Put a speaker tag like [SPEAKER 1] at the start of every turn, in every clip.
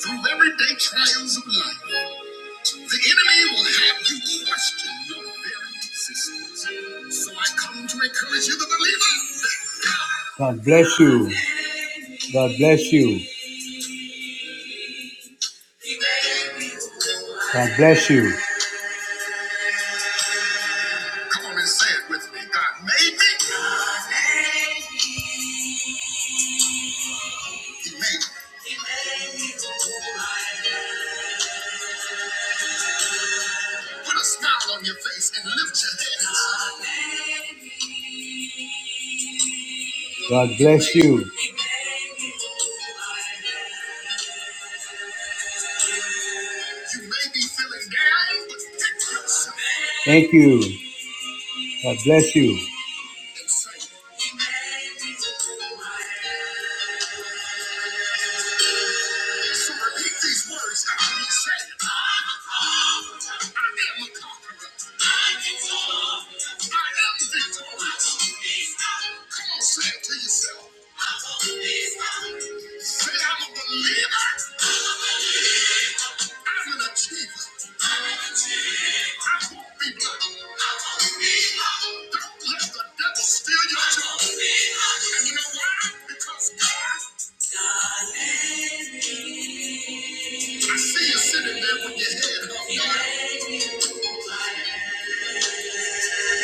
[SPEAKER 1] Through everyday trials of life, the enemy will have you question your very existence. So I come to encourage you, the believer. that God God bless you. God bless you. God bless you. Come on and say it with me. God made me. He made me. Put a smile on your face and lift your head. God bless you. Thank you. God bless you. Say I'm a believer. I'm an achiever. Let the devil steal your joy. And you know why? Because God, I see you sitting there with your head hung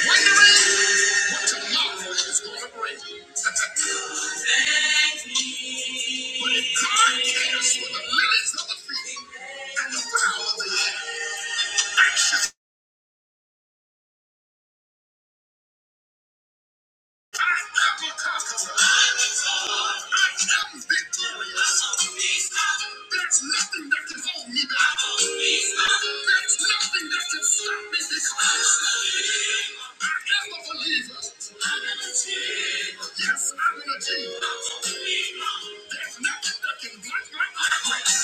[SPEAKER 1] wondering what tomorrow is going to bring. but if God cares for the lilies of the field and the fowl of the air, I am a conqueror. I am victorious. There's nothing that can hold me back. There's nothing that can stop me I am a believer. Yes, I'm an achiever. There's nothing that can block my progress.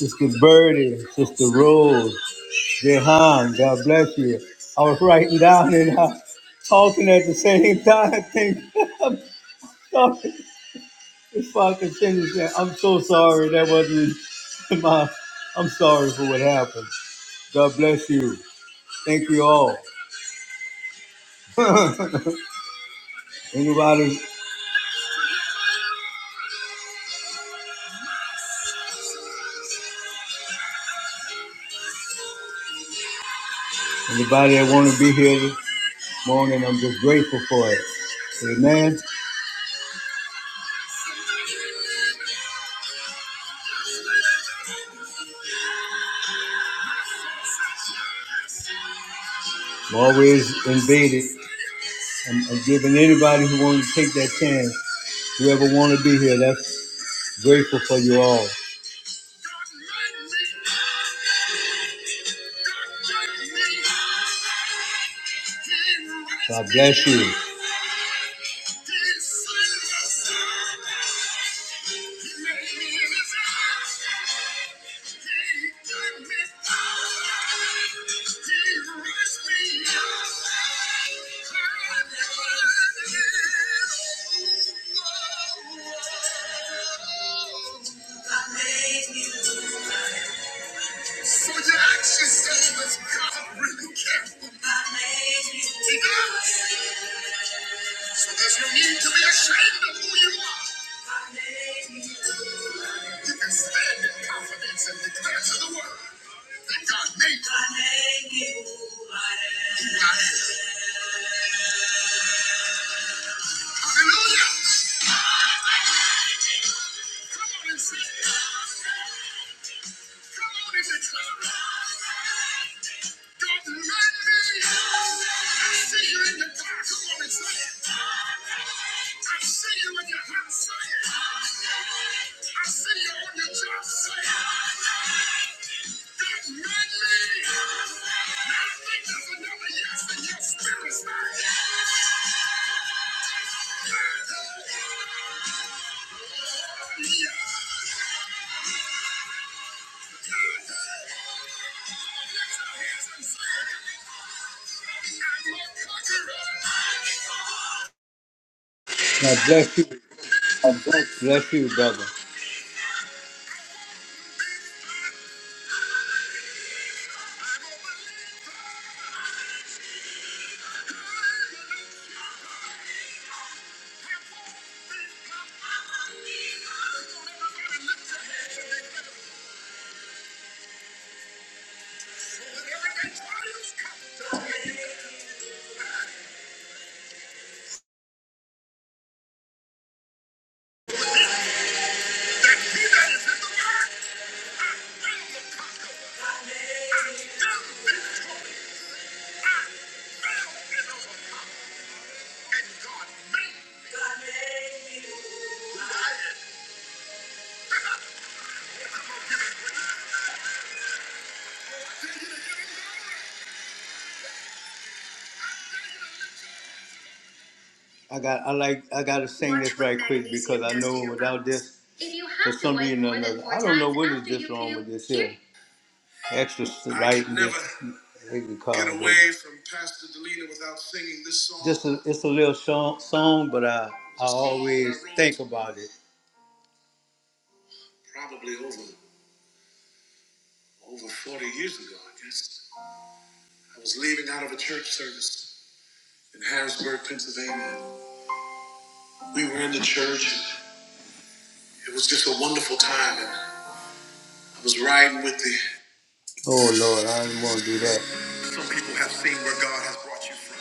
[SPEAKER 1] Sister Birdie, Sister Rose, Jehan, God bless you. I was writing down and uh, talking at the same time. I think I'm sorry. If I could change that, I'm so sorry. That wasn't my. I'm sorry for what happened. God bless you. Thank you all. anybody, anybody that want to be here this morning, I'm just grateful for it. Amen. I'm always invaded. I'm, I'm giving anybody who want to take that chance, whoever want to be here, that's grateful for you all. God bless you. So your actions say that God really cares. He does. So there's no need to be ashamed of who you are. You can stand in confidence and declare to the world that God made you who I am. Hallelujah. Come on and sing. Yes. God bless you.
[SPEAKER 2] Yeah.
[SPEAKER 1] Bless you, brother. I got I like I gotta sing this right quick because I know without this for some reason or another. I don't know what is just wrong with this here. extra writing. never they could call get it. away it. from Pastor Delina without singing this song. Just a, it's a little song, song, but I I always think about it. probably over over 40 years ago, I guess. I was leaving out of a church service in Harrisburg, Pennsylvania. We were in the church. it was just a wonderful time, and I was riding with the. Oh Lord, I didn't want to do that. Some people have seen where God has brought you from.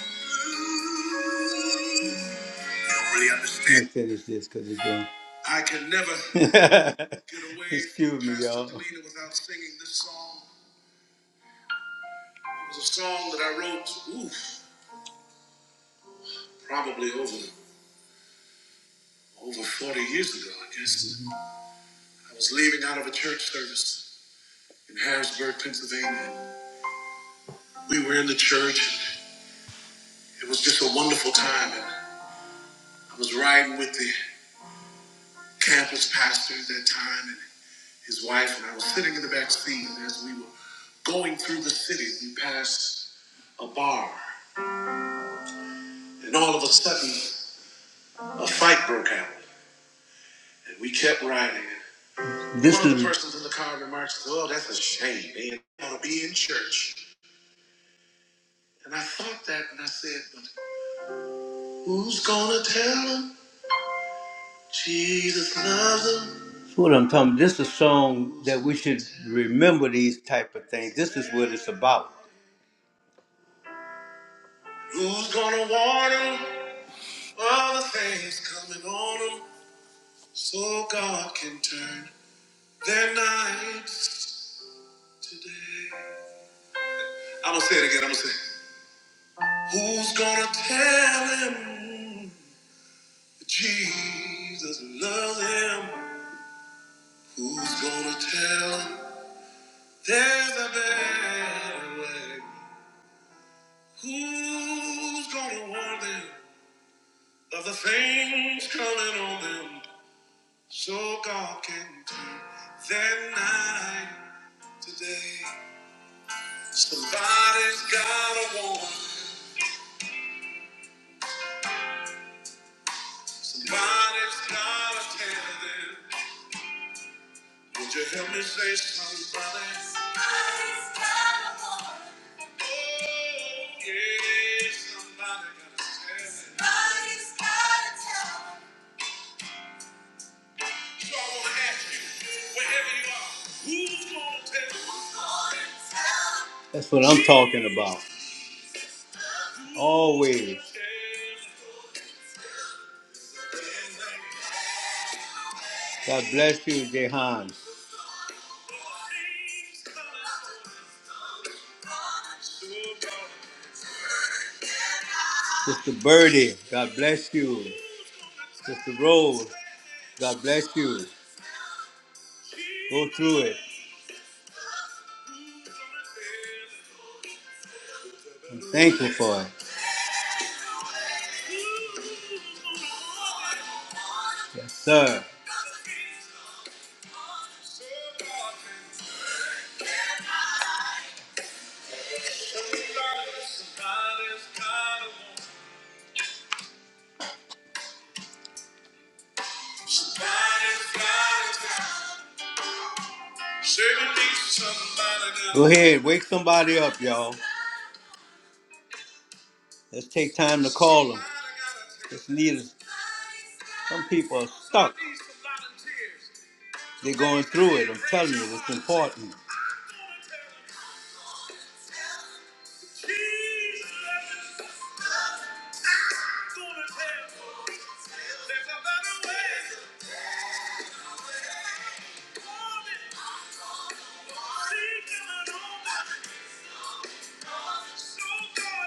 [SPEAKER 1] don't really understand. Let me finish this because it's done. I can never get away. Excuse me, Pastor y'all. Delina without singing this song. It was a song that I wrote, oof, probably over over 40 years ago, I guess. Mhm. I was leaving out of a church service in Harrisburg, Pennsylvania. We were in the church, and it was just a wonderful time. And I was riding with the campus pastor at that time, and his wife and I were sitting in the back seat and as we were going through the city. We passed a bar and all of a sudden a fight broke out and we kept riding. This One of the is- persons in the car remarks, "Oh, that's a shame. They ought to be in church." And I thought that and I said, "But who's gonna tell them Jesus loves them?" That's what I'm talking. This is a song that we should remember these type of things. This is what it's about. Who's gonna warn them? All the things coming on them so God can turn their nights to day. I'm gonna say it again. I'm gonna say, it. Who's gonna tell him that Jesus loves him? Who's gonna tell him there's a better way? Who's gonna warn them of the things coming on them so God can turn their night today? Somebody's got a woman. Somebody's got a candidate. Would you help me say somebody? Somebody's got a woman. Oh, Yeah, somebody got a candidate. Somebody's got a talent. So I want to ask you, wherever you are, who's going to tell you? Who's gonna tell? you? That's what I'm talking about. Always. God bless you, Jehan. Sister Birdie, God bless you. Sister Rose, God bless you. Go through it. I'm thankful for it. Yes, sir. Go ahead, wake somebody up, y'all. Let's take time to call them. Just need some people are stuck. They're going through it. I'm telling you, it's important.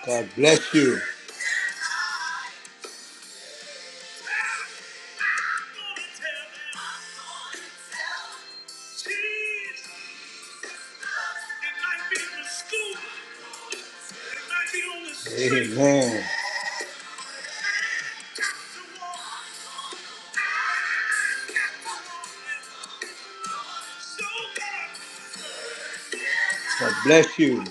[SPEAKER 1] God bless you. Amen. God bless you.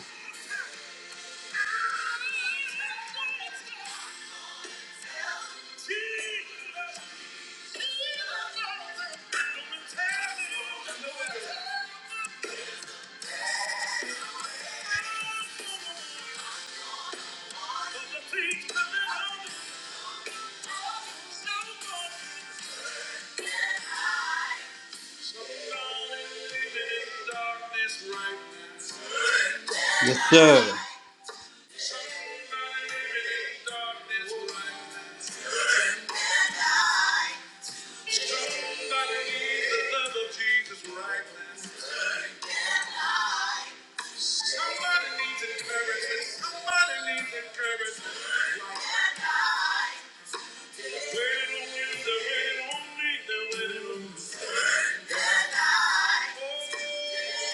[SPEAKER 1] Yes, sir. Oh,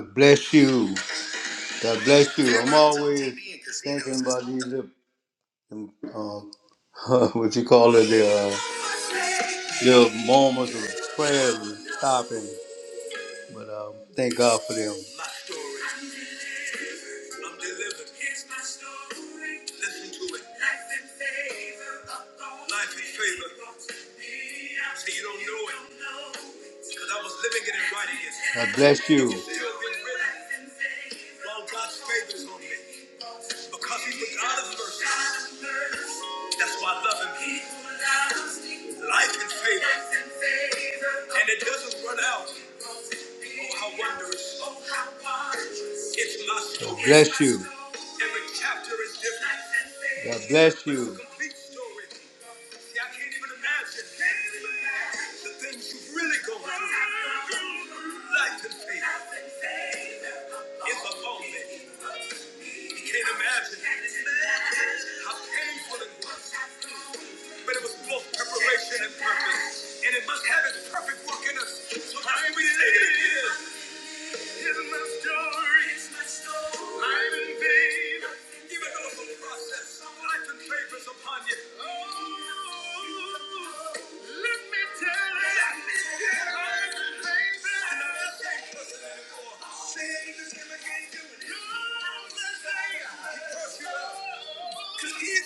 [SPEAKER 1] God bless you. God bless you. I'm always thinking about you. them, uh, what you call it, the uh, little moments of prayer and stopping. But um, thank God for them. Listen to it. Life in favor. Life in favor. See, you don't know it because I was living it and writing it. God bless you. It's still been written while God's favor is on me because He was out of mercy. That's why I love Him. Life and favor. And it doesn't run out. Oh, how wondrous. It's my story. God bless you. Every chapter is different. God bless you. It's a complete story. See, I can't even imagine the things you've really gone through. Life and faith. It's a moment. You can't imagine how painful it was. But it was both preparation and purpose. And it must have its perfect work in us. So I am related Cause he's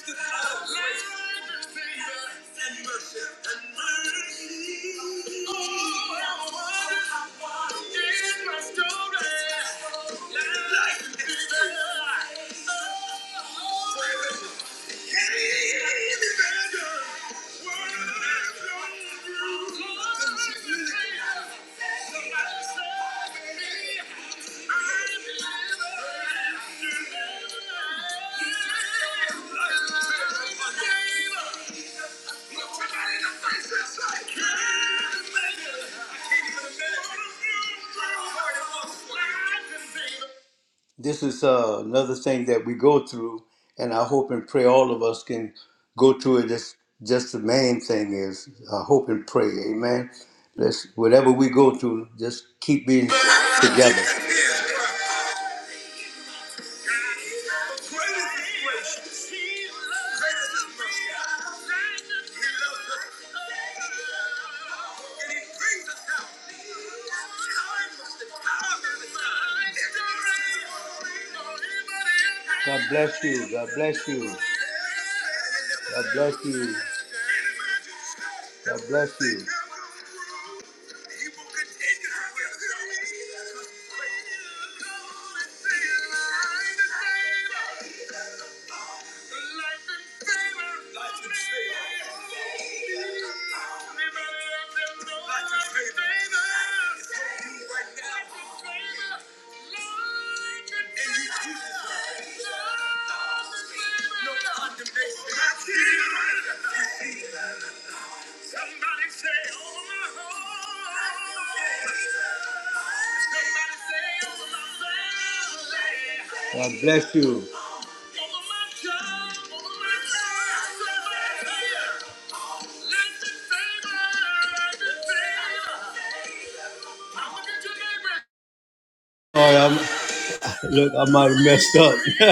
[SPEAKER 1] the God of mercy and mercy and mercy. Oh, oh, oh, oh. I Thank you this is uh, another thing that we go through, and I hope and pray all of us can go through it. Just, just the main thing is uh, hope and pray. Amen. Let's whatever we go through, just keep being together. God bless you. God bless you. God bless you. God bless you. Somebody say, oh my God. God bless you. Sorry, I'm, look, I might have messed up.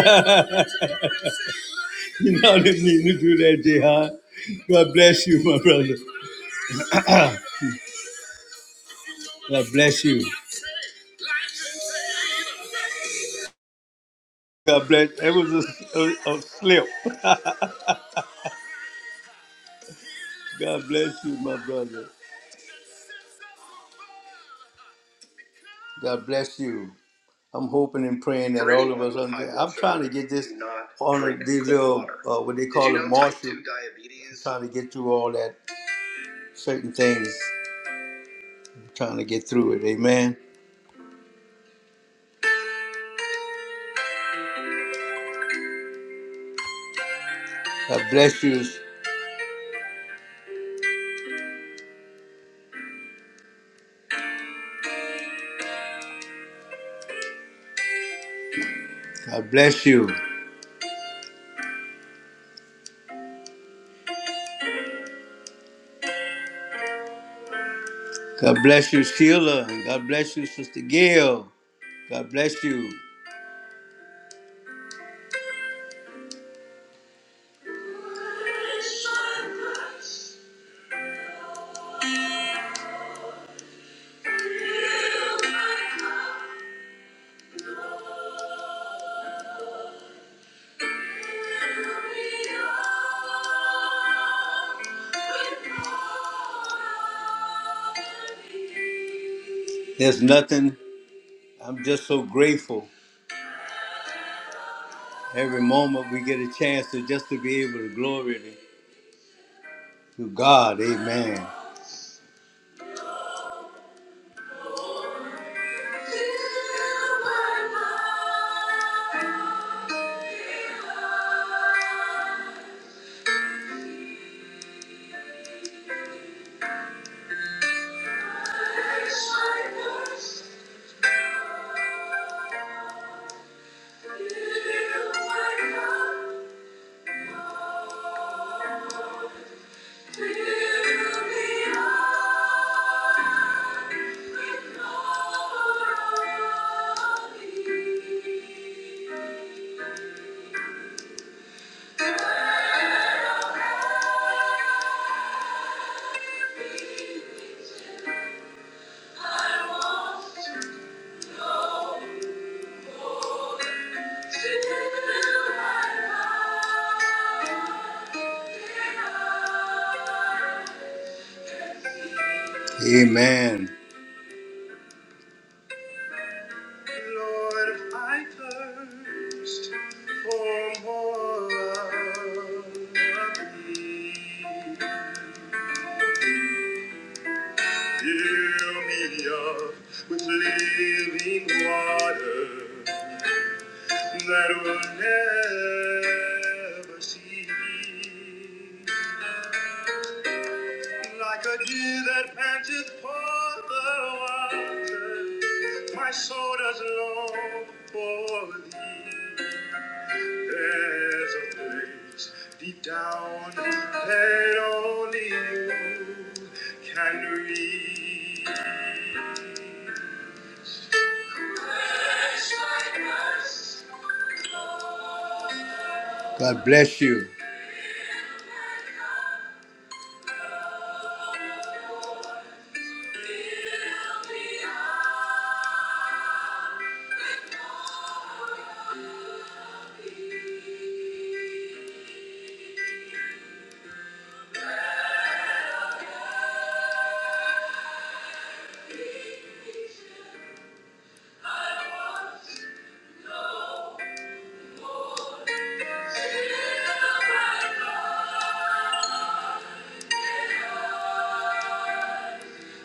[SPEAKER 1] you know, I didn't mean to do that, Jihad. God bless you, my brother. God bless you. God bless. It was a, a, a slip. God bless you, my brother. God bless you. I'm hoping and praying that all of us. Under, I'm trying to get this on the, these little uh, what they call it, Marshall. I'm trying to get through all that certain things. I'm trying to get through it. Amen. God bless you. God bless you. God bless you, Sheila. And God bless you, Sister Gail. God bless you. There's nothing. I'm just so grateful. Every moment we get a chance to just to be able to glory to God. Amen. Amen. Like a deer that panteth for the water, my soul does long for thee. There's a place deep down that only you can reach. God bless you.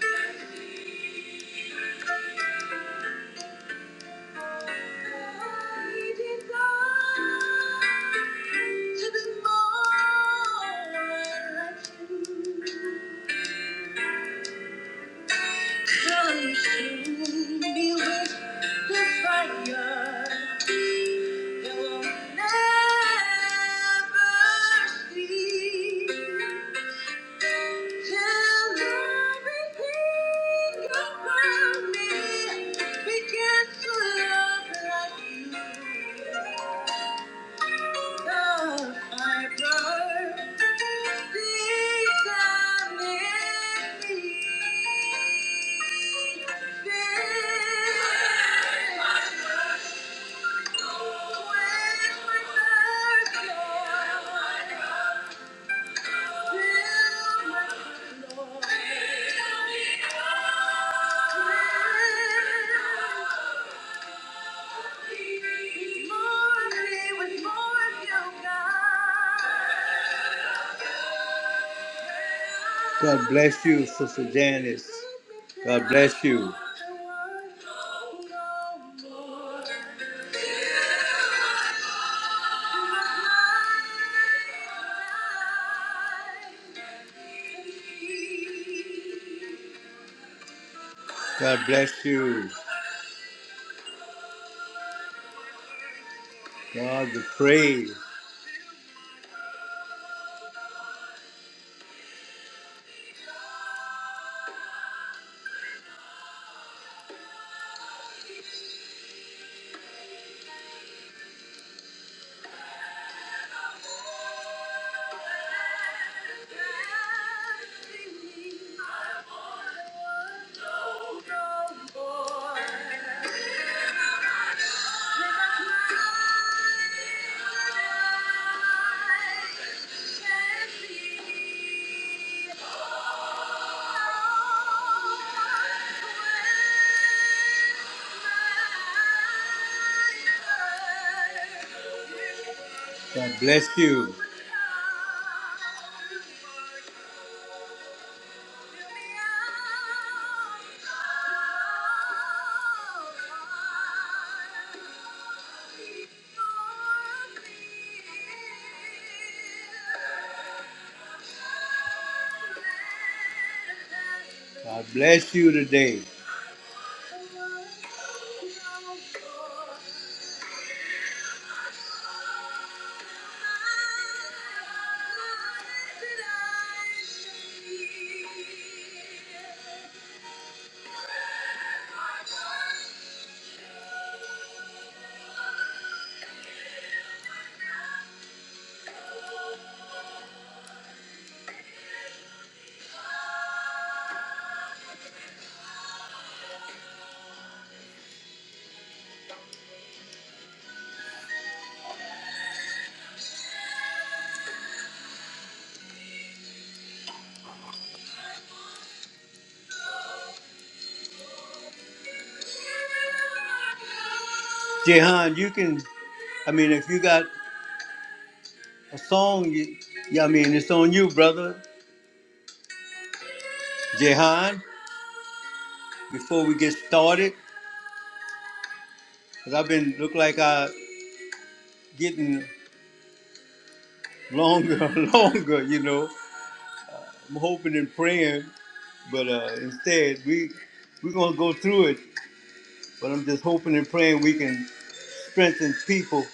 [SPEAKER 1] To be more like you. Consume me with your fire. You will never cease. till everything around me. begins to look like you. Thank you. God bless you, Sister Janice. God bless you. God bless you. God, the praise. God bless you. God bless you today. Jehan, you can, I mean, if you got a song, you, yeah, I mean, it's on you, brother. Jehan, before we get started, 'cause I've been, look like I getting longer and longer, you know. I'm hoping and praying, but uh, instead, we, we're going to go through it. But I'm just hoping and praying we can strengthen people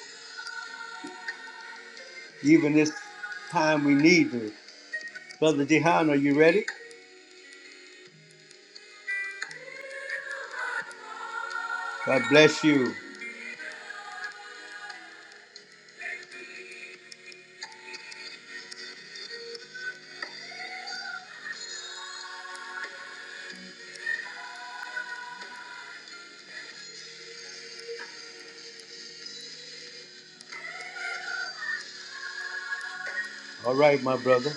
[SPEAKER 1] even this time we need to. Brother Jehan, are you ready? God bless you. All right, my brother.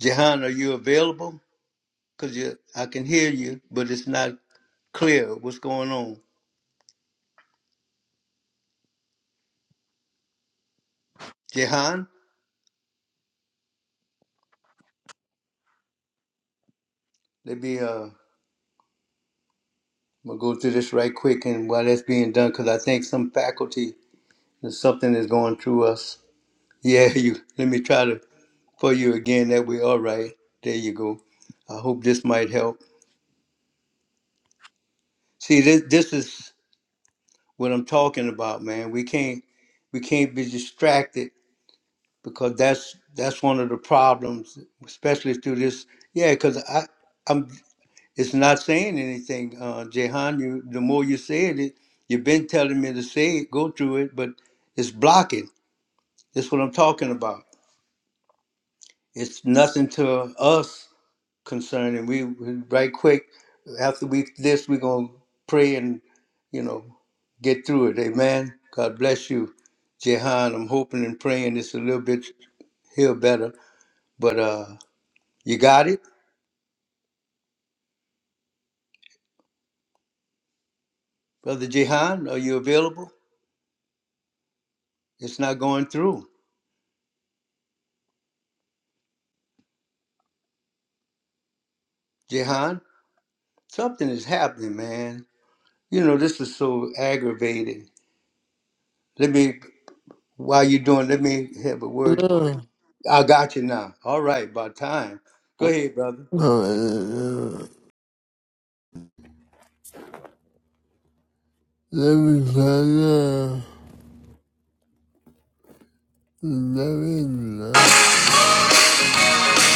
[SPEAKER 1] Jehan, are you available? because you, I can hear you, but it's not clear what's going on. Jehan, let me uh, I'm gonna go through this right quick, and while that's being done, because I think some faculty and something is going through us. Yeah, you. Let me try to for you again. That way. all right. There you go. I hope this might help. See, this this is what I'm talking about, man. We can't we can't be distracted because that's that's one of the problems, especially through this. Yeah, because I. I'm. It's not saying anything, uh, Jehan. You, the more you said it, you've been telling me to say it, go through it, but it's blocking. That's what I'm talking about. It's nothing to us concerning. We we- right quick after we this, we're gonna pray and you know get through it. Amen. God bless you, Jehan. I'm hoping and praying it's a little bit here better, but uh, you got it, brother Jehan. Are you available? It's not going through, Jehan. Something is happening, man. You know, this is so aggravating. Let me, while you're doing, let me have a word. I got you now. All right, about time. Go ahead, brother.
[SPEAKER 2] Uh, Let me find out. Let me know.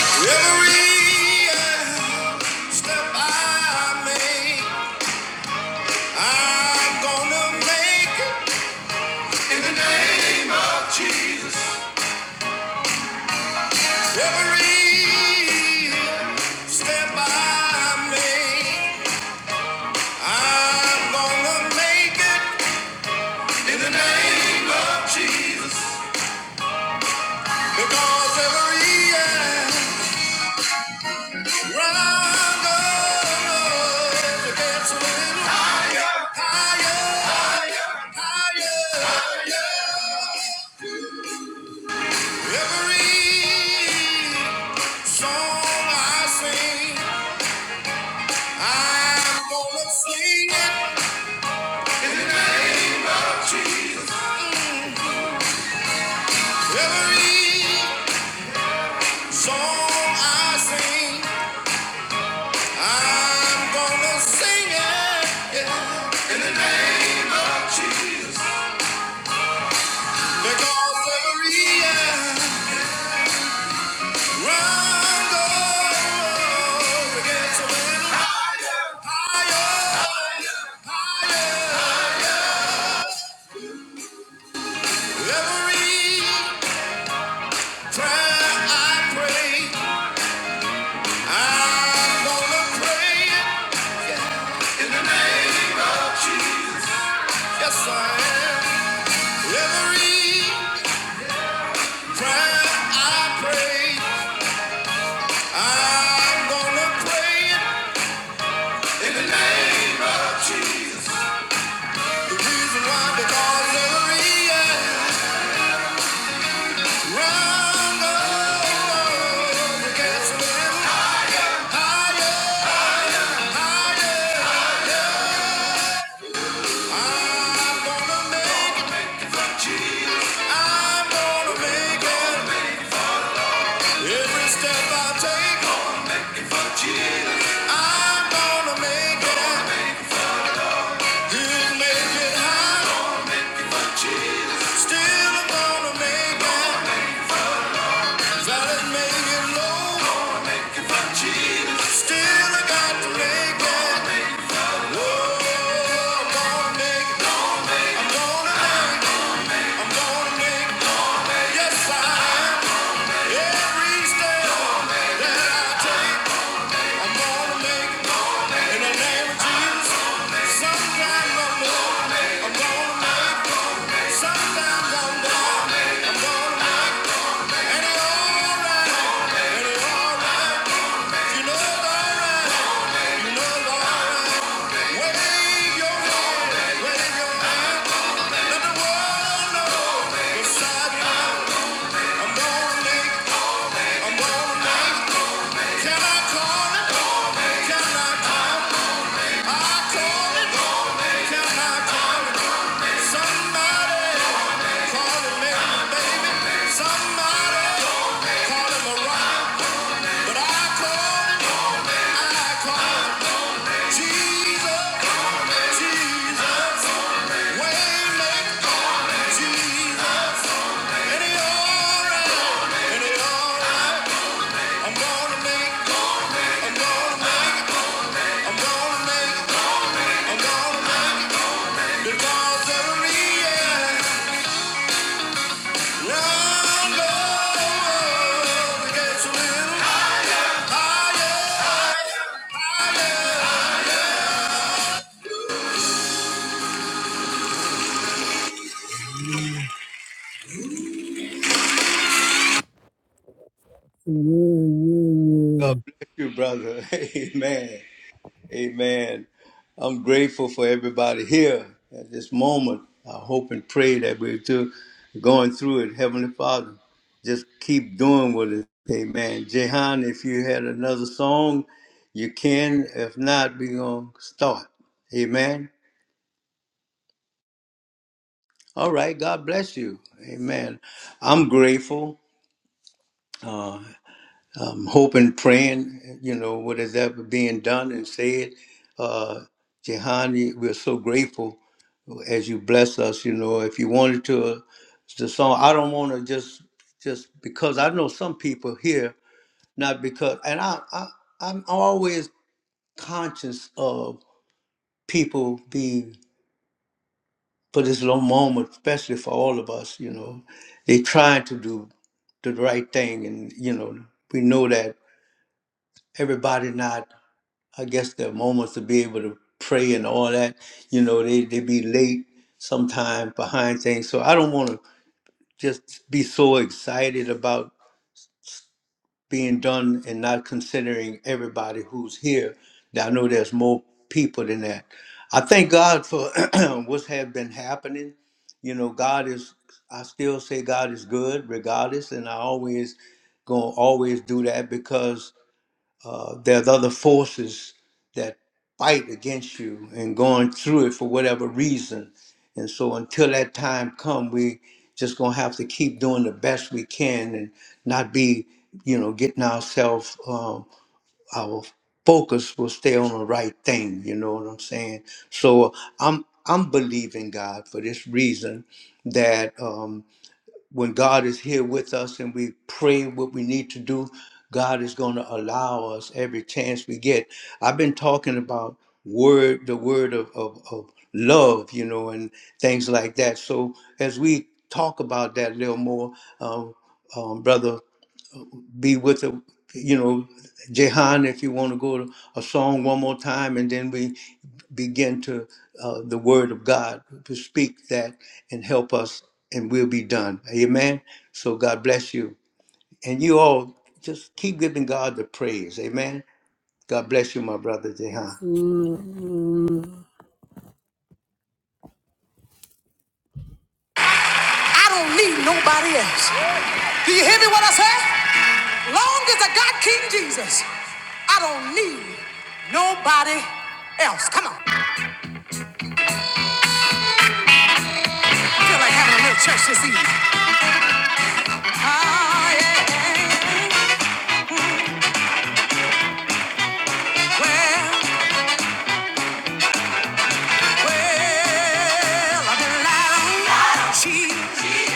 [SPEAKER 2] Every uh, step I make, I'm gonna make it in the name of Jesus. Every step I make, I'm gonna make it in the name of Jesus. Because every uh, Sing it in the name of Jesus. There goes Maria, run, go, we get so many higher, higher, higher. Every prayer I pray, I'm gonna pray it in the name of Jesus. Yes, I am. Every prayer I pray, I'm gonna pray it in the name of Jesus. Reason why they call it a reason. Round up, it gets higher, higher. I'm gonna make it, I'm gonna make it. Every step I take, I'm gonna make it. did make it high, still I'm gonna make it. If make it low, still I got to make it. Whoa, I'm gonna make it. I'm gonna make, I'm gonna make, yes I am. Every step that I take, I'm gonna make in the name of Jesus. Sometimes I'm going I'm gonna make, sometimes I'm going I'm gonna make, and it's alright, and it's alright. You know it's alright, you know it's alright. Wave your hand, wave your hand, let the world know it's alright. I'm gonna make, I'm gonna make. Can I call it? Can I call it? I call it. Can I call it? Somebody call it Mary, baby. Somebody call it Mariah, but I call it, I call it Jesus, Jesus. Waymaker, Jesus. And he alright, and he alright. I'm gonna make, I'm gonna make, I'm gonna make. cause of the end. Run low, it gets a little higher, higher.
[SPEAKER 1] God bless you, brother. Amen. Amen. I'm grateful for everybody here at this moment. I hope and pray that we're too going through it. Heavenly Father, just keep doing what it. Amen. Jehan, if you had another song, you can. If not, we're going to start. Amen. All right. God bless you. Amen. I'm grateful. Uh, um, hoping, praying, you know, what is ever being done and said. Uh, Jehani, we're so grateful as you bless us. You know, if you wanted to, uh, the song, I don't want to just, just because I know some people here, not because, and I, I I'm always conscious of people being, for this little moment, especially for all of us, you know, they trying to do the right thing. And, you know, we know that everybody not I guess their moments to be able to pray and all that. You know, they they be late sometime behind things. So I don't want to just be so excited about being done and not considering everybody who's here. Now, I know there's more people than that. I thank God for what's have been happening. You know, God is. I still say God is good, regardless, and I always gonna always do that because uh, there's other forces that fight against you and going through it for whatever reason. And so until that time come, we just gonna have to keep doing the best we can and not be, you know, getting ourselves um, our focus will stay on the right thing. You know what I'm saying? So I'm I'm believing God for this reason that. Um, when God is here with us and we pray what we need to do, God is going to allow us every chance we get. I've been talking about word, the word of, of, of love, you know, and things like that. So as we talk about that a little more, um, um, brother be with the you know Jehan if you want to go to a song one more time and then we begin to uh, the word of God to speak that and help us and we'll be done amen so God bless you and you all just keep giving God the praise amen God bless you my brother Jehan
[SPEAKER 2] Yes, long as the God keeps I'm nobody else. Come on. I feel like having a little church this evening. Ah, yeah. Well. Well, I've been lied on. She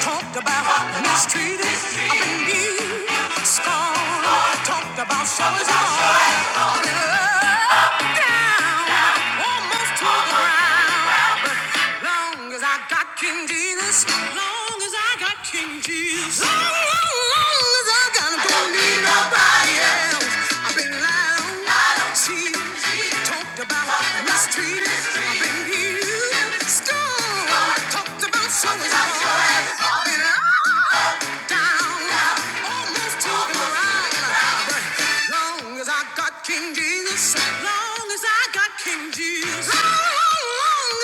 [SPEAKER 2] talked about mistreated. I've been beat, scorned. Talked about so wrong. I've been up, down, almost to the ground. Long as I got King Jesus. Long as I got King Jesus. Long, long, long as I got King Jesus, I don't need nobody else. I've been lied on. I don't cheat. Talked about mistreated. I've been used. Scorned. Talked about so and so. I've been lied on. King Jesus, long as I got King Jesus, long,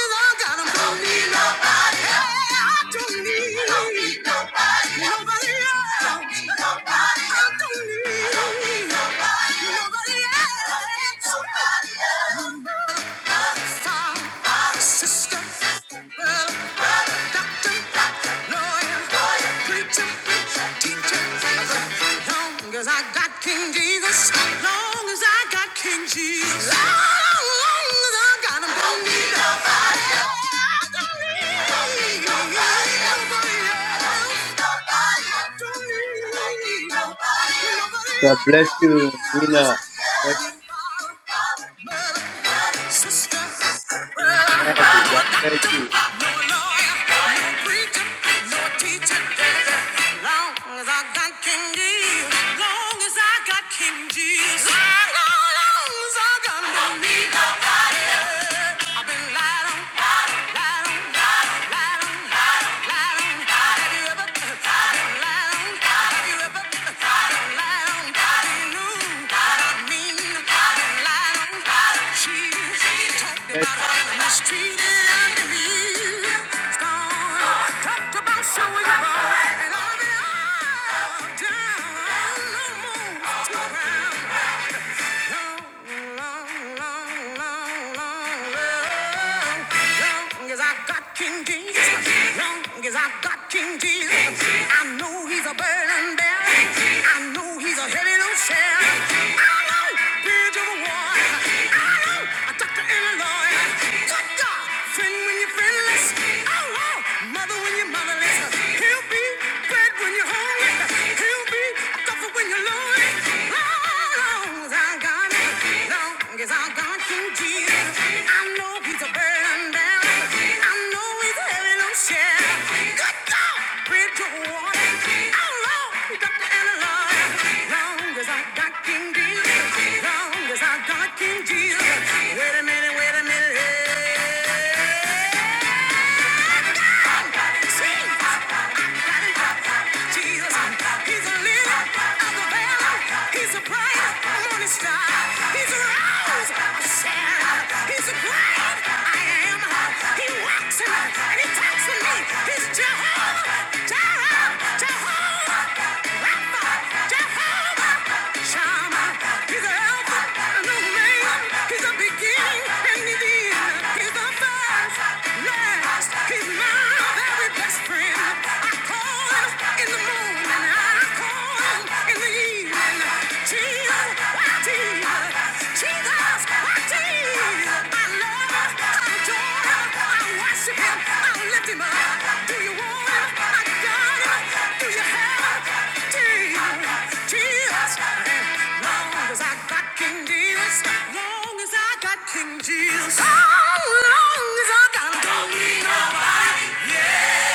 [SPEAKER 2] as I got him. Don't need nobody else. Hey, I don't need, nobody else. Don't need nobody else. I don't need, Nobody else. Sister, brother, doctor, lawyer, preacher, teacher. Long as I got King Jesus, long as I got King Jesus, long, as I got him, don't need nobody else. Don't need nobody else. Don't need nobody
[SPEAKER 1] God bless you Nina God bless
[SPEAKER 2] else.
[SPEAKER 1] you
[SPEAKER 2] Nobody else. Sister. No
[SPEAKER 1] Maddie God bless
[SPEAKER 2] doctor,
[SPEAKER 1] you
[SPEAKER 2] no lawyer, no preacher, no teacher. Long as I got King Jesus, long as I got King Jesus, I Don't need nobody. I've been lied on, lied on, lied on. Down. Long as I got King Jesus, long as I got King Jesus, I know he's a burden bearer. I know he's a heavy load I know bridge over water. I know a doctor in a lawyer. Good God, friend when you're friendless. Oh, oh, mother when you're motherless. He'll be bread when you're hungry. He'll be tougher when you're lonely. Long as I got him, long as I got you, Jesus. I know he's a burden bearer. I know he's a heavy load share. Good God, bridge over Oh Lord, Dr. Anna Lloyd. Long as I got King Jesus, long as I got King Jesus. Wait a minute, wait a minute, hey. See? Jesus, He's a lily of the valley. He's a bright morning star. He's a rose of Sharon. He's a great I am. He walks in me and he talks to me. He's Jehovah Jehovah Jehovah Shammah. He's the Alpha and Omega. He's the beginning and the end. He's the first, last. He's my very best friend. Jesus, so long as I got, don't need nobody. Yeah.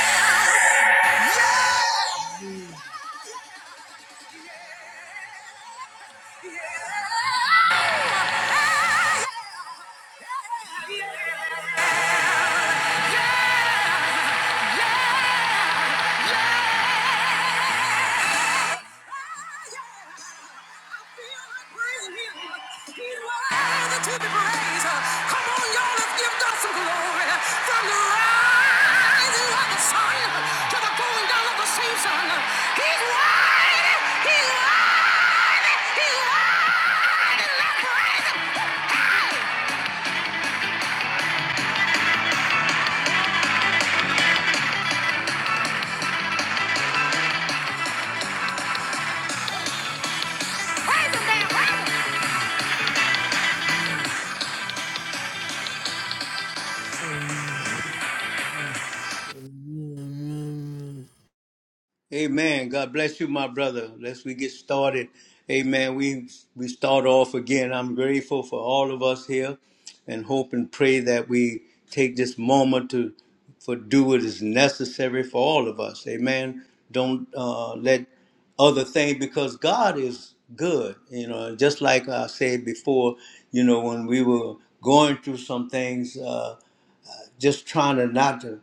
[SPEAKER 1] Amen. God bless you, my brother. Let's we get started. Amen. We we start off again. I'm grateful for all of us here, and hope and pray that we take this moment to for do what is necessary for all of us. Amen. Don't uh, let other things because God is good. You know, just like I said before. You know, when we were going through some things, uh, just trying to not to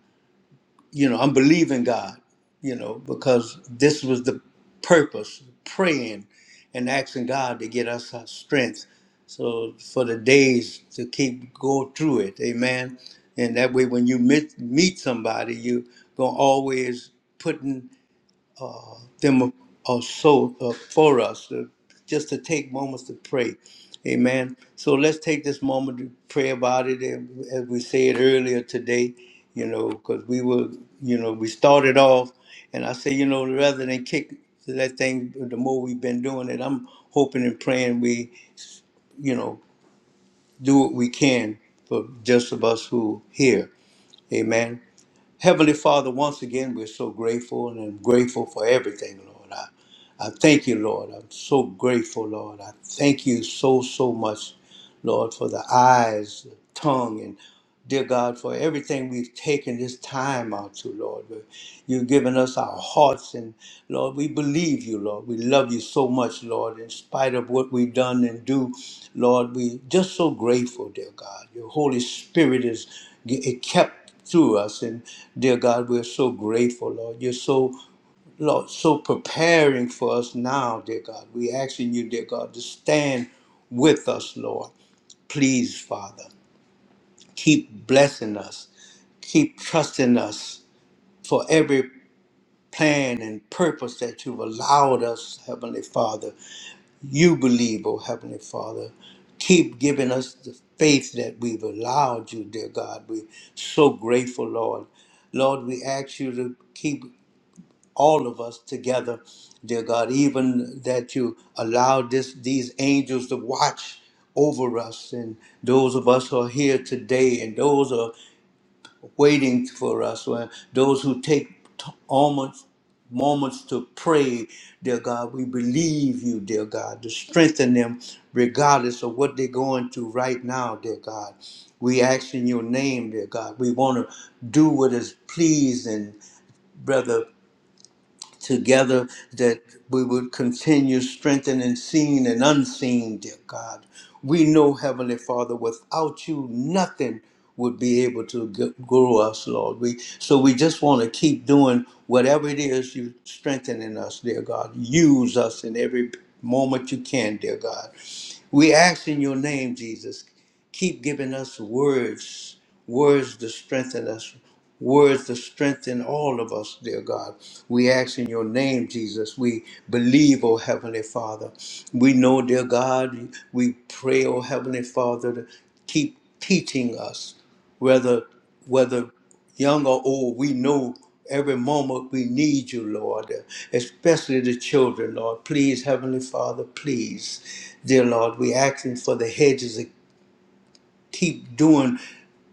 [SPEAKER 1] you know, I'm believing God, you know, because this was the purpose, praying and asking God to get us our strength. So for the days to keep go through it, amen. And that way when you meet meet somebody, you gonna always putting them are so uh, for us, uh, just to take moments to pray. Amen. So let's take this moment to pray about it. And as we said earlier today, you know, because we were, you know, we started off, and I say, you know, rather than kick that thing, the more we've been doing it, I'm hoping and praying we, you know, do what we can for just of us who here. Amen. Heavenly Father, once again, we're so grateful and I'm grateful for everything, Lord. I, I thank you, Lord. I'm so grateful, Lord. I thank you so, so much, Lord, for the eyes, the tongue, and dear God, for everything we've taken this time out to, Lord. You've given us our hearts, and Lord, we believe you, Lord. We love you so much, Lord, in spite of what we've done and do. Lord, we just so grateful, dear God. Your Holy Spirit is it kept through us, and dear God, we're so grateful, Lord. You're so, Lord, so preparing for us now, dear God. We asking you, dear God, to stand with us, Lord. Please, Father, keep blessing us, keep trusting us for every plan and purpose that you've allowed us, Heavenly Father. You believe, oh Heavenly Father. Keep giving us the faith that we've allowed you, dear God. We're so grateful, Lord. Lord, we ask you to keep all of us together, dear God, even that you allowed this, these angels to watch over us and those of us who are here today and those are waiting for us. When those who take t- almost moments to pray, dear God, we believe you, dear God, to strengthen them regardless of what they're going through right now, dear God. We ask in your name, dear God. We want to do what is pleasing, brother together that we would continue strengthening seen and unseen, dear God. We know, Heavenly Father, without you, nothing would be able to g- grow us, Lord. We so we just want to keep doing whatever it is you strengthening us, dear God. Use us in every moment you can, dear God. We ask in your name, Jesus. Keep giving us words, words to strengthen us, words to strengthen all of us, dear God. We ask in your name, Jesus. We believe, O Heavenly Father. We know, dear God, we pray, O Heavenly Father, to keep teaching us, whether whether young or old, we know every moment we need you, Lord, especially the children, Lord. Please, Heavenly Father, please, dear Lord, we asking for the hedges to keep doing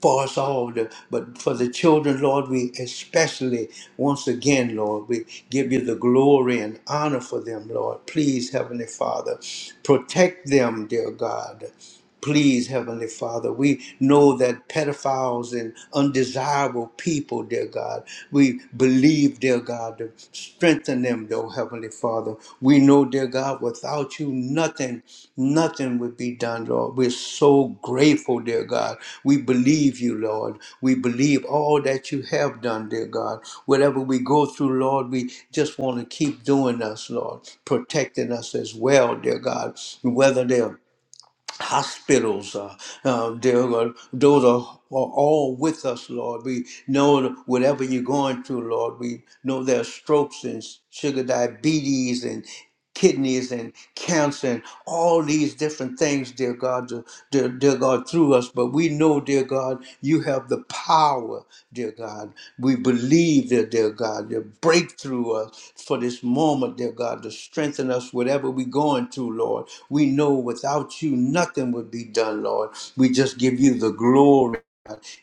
[SPEAKER 1] for us all, the- but for the children, Lord, we especially, once again, Lord, we give you the glory and honor for them, Lord. Please, Heavenly Father, protect them, dear God. Please, Heavenly Father, we know that pedophiles and undesirable people, dear God, we believe, dear God, to strengthen them, though, Heavenly Father. We know, dear God, without you, nothing, nothing would be done, Lord. We're so grateful, dear God. We believe you, Lord. We believe all that you have done, dear God. Whatever we go through, Lord, we just want to keep doing us, Lord, protecting us as well, dear God. Whether they're hospitals, uh, uh, dear Lord, those are, are all with us, Lord. We know that whatever you're going through, Lord. We know there are strokes and sugar diabetes and kidneys and cancer and all these different things, dear God, dear, dear God. God, through us, but we know, dear God, you have the power, dear God. We believe that, dear God, you break through us for this moment, dear God, to strengthen us whatever we're going through, Lord. We know without you nothing would be done, Lord. We just give you the glory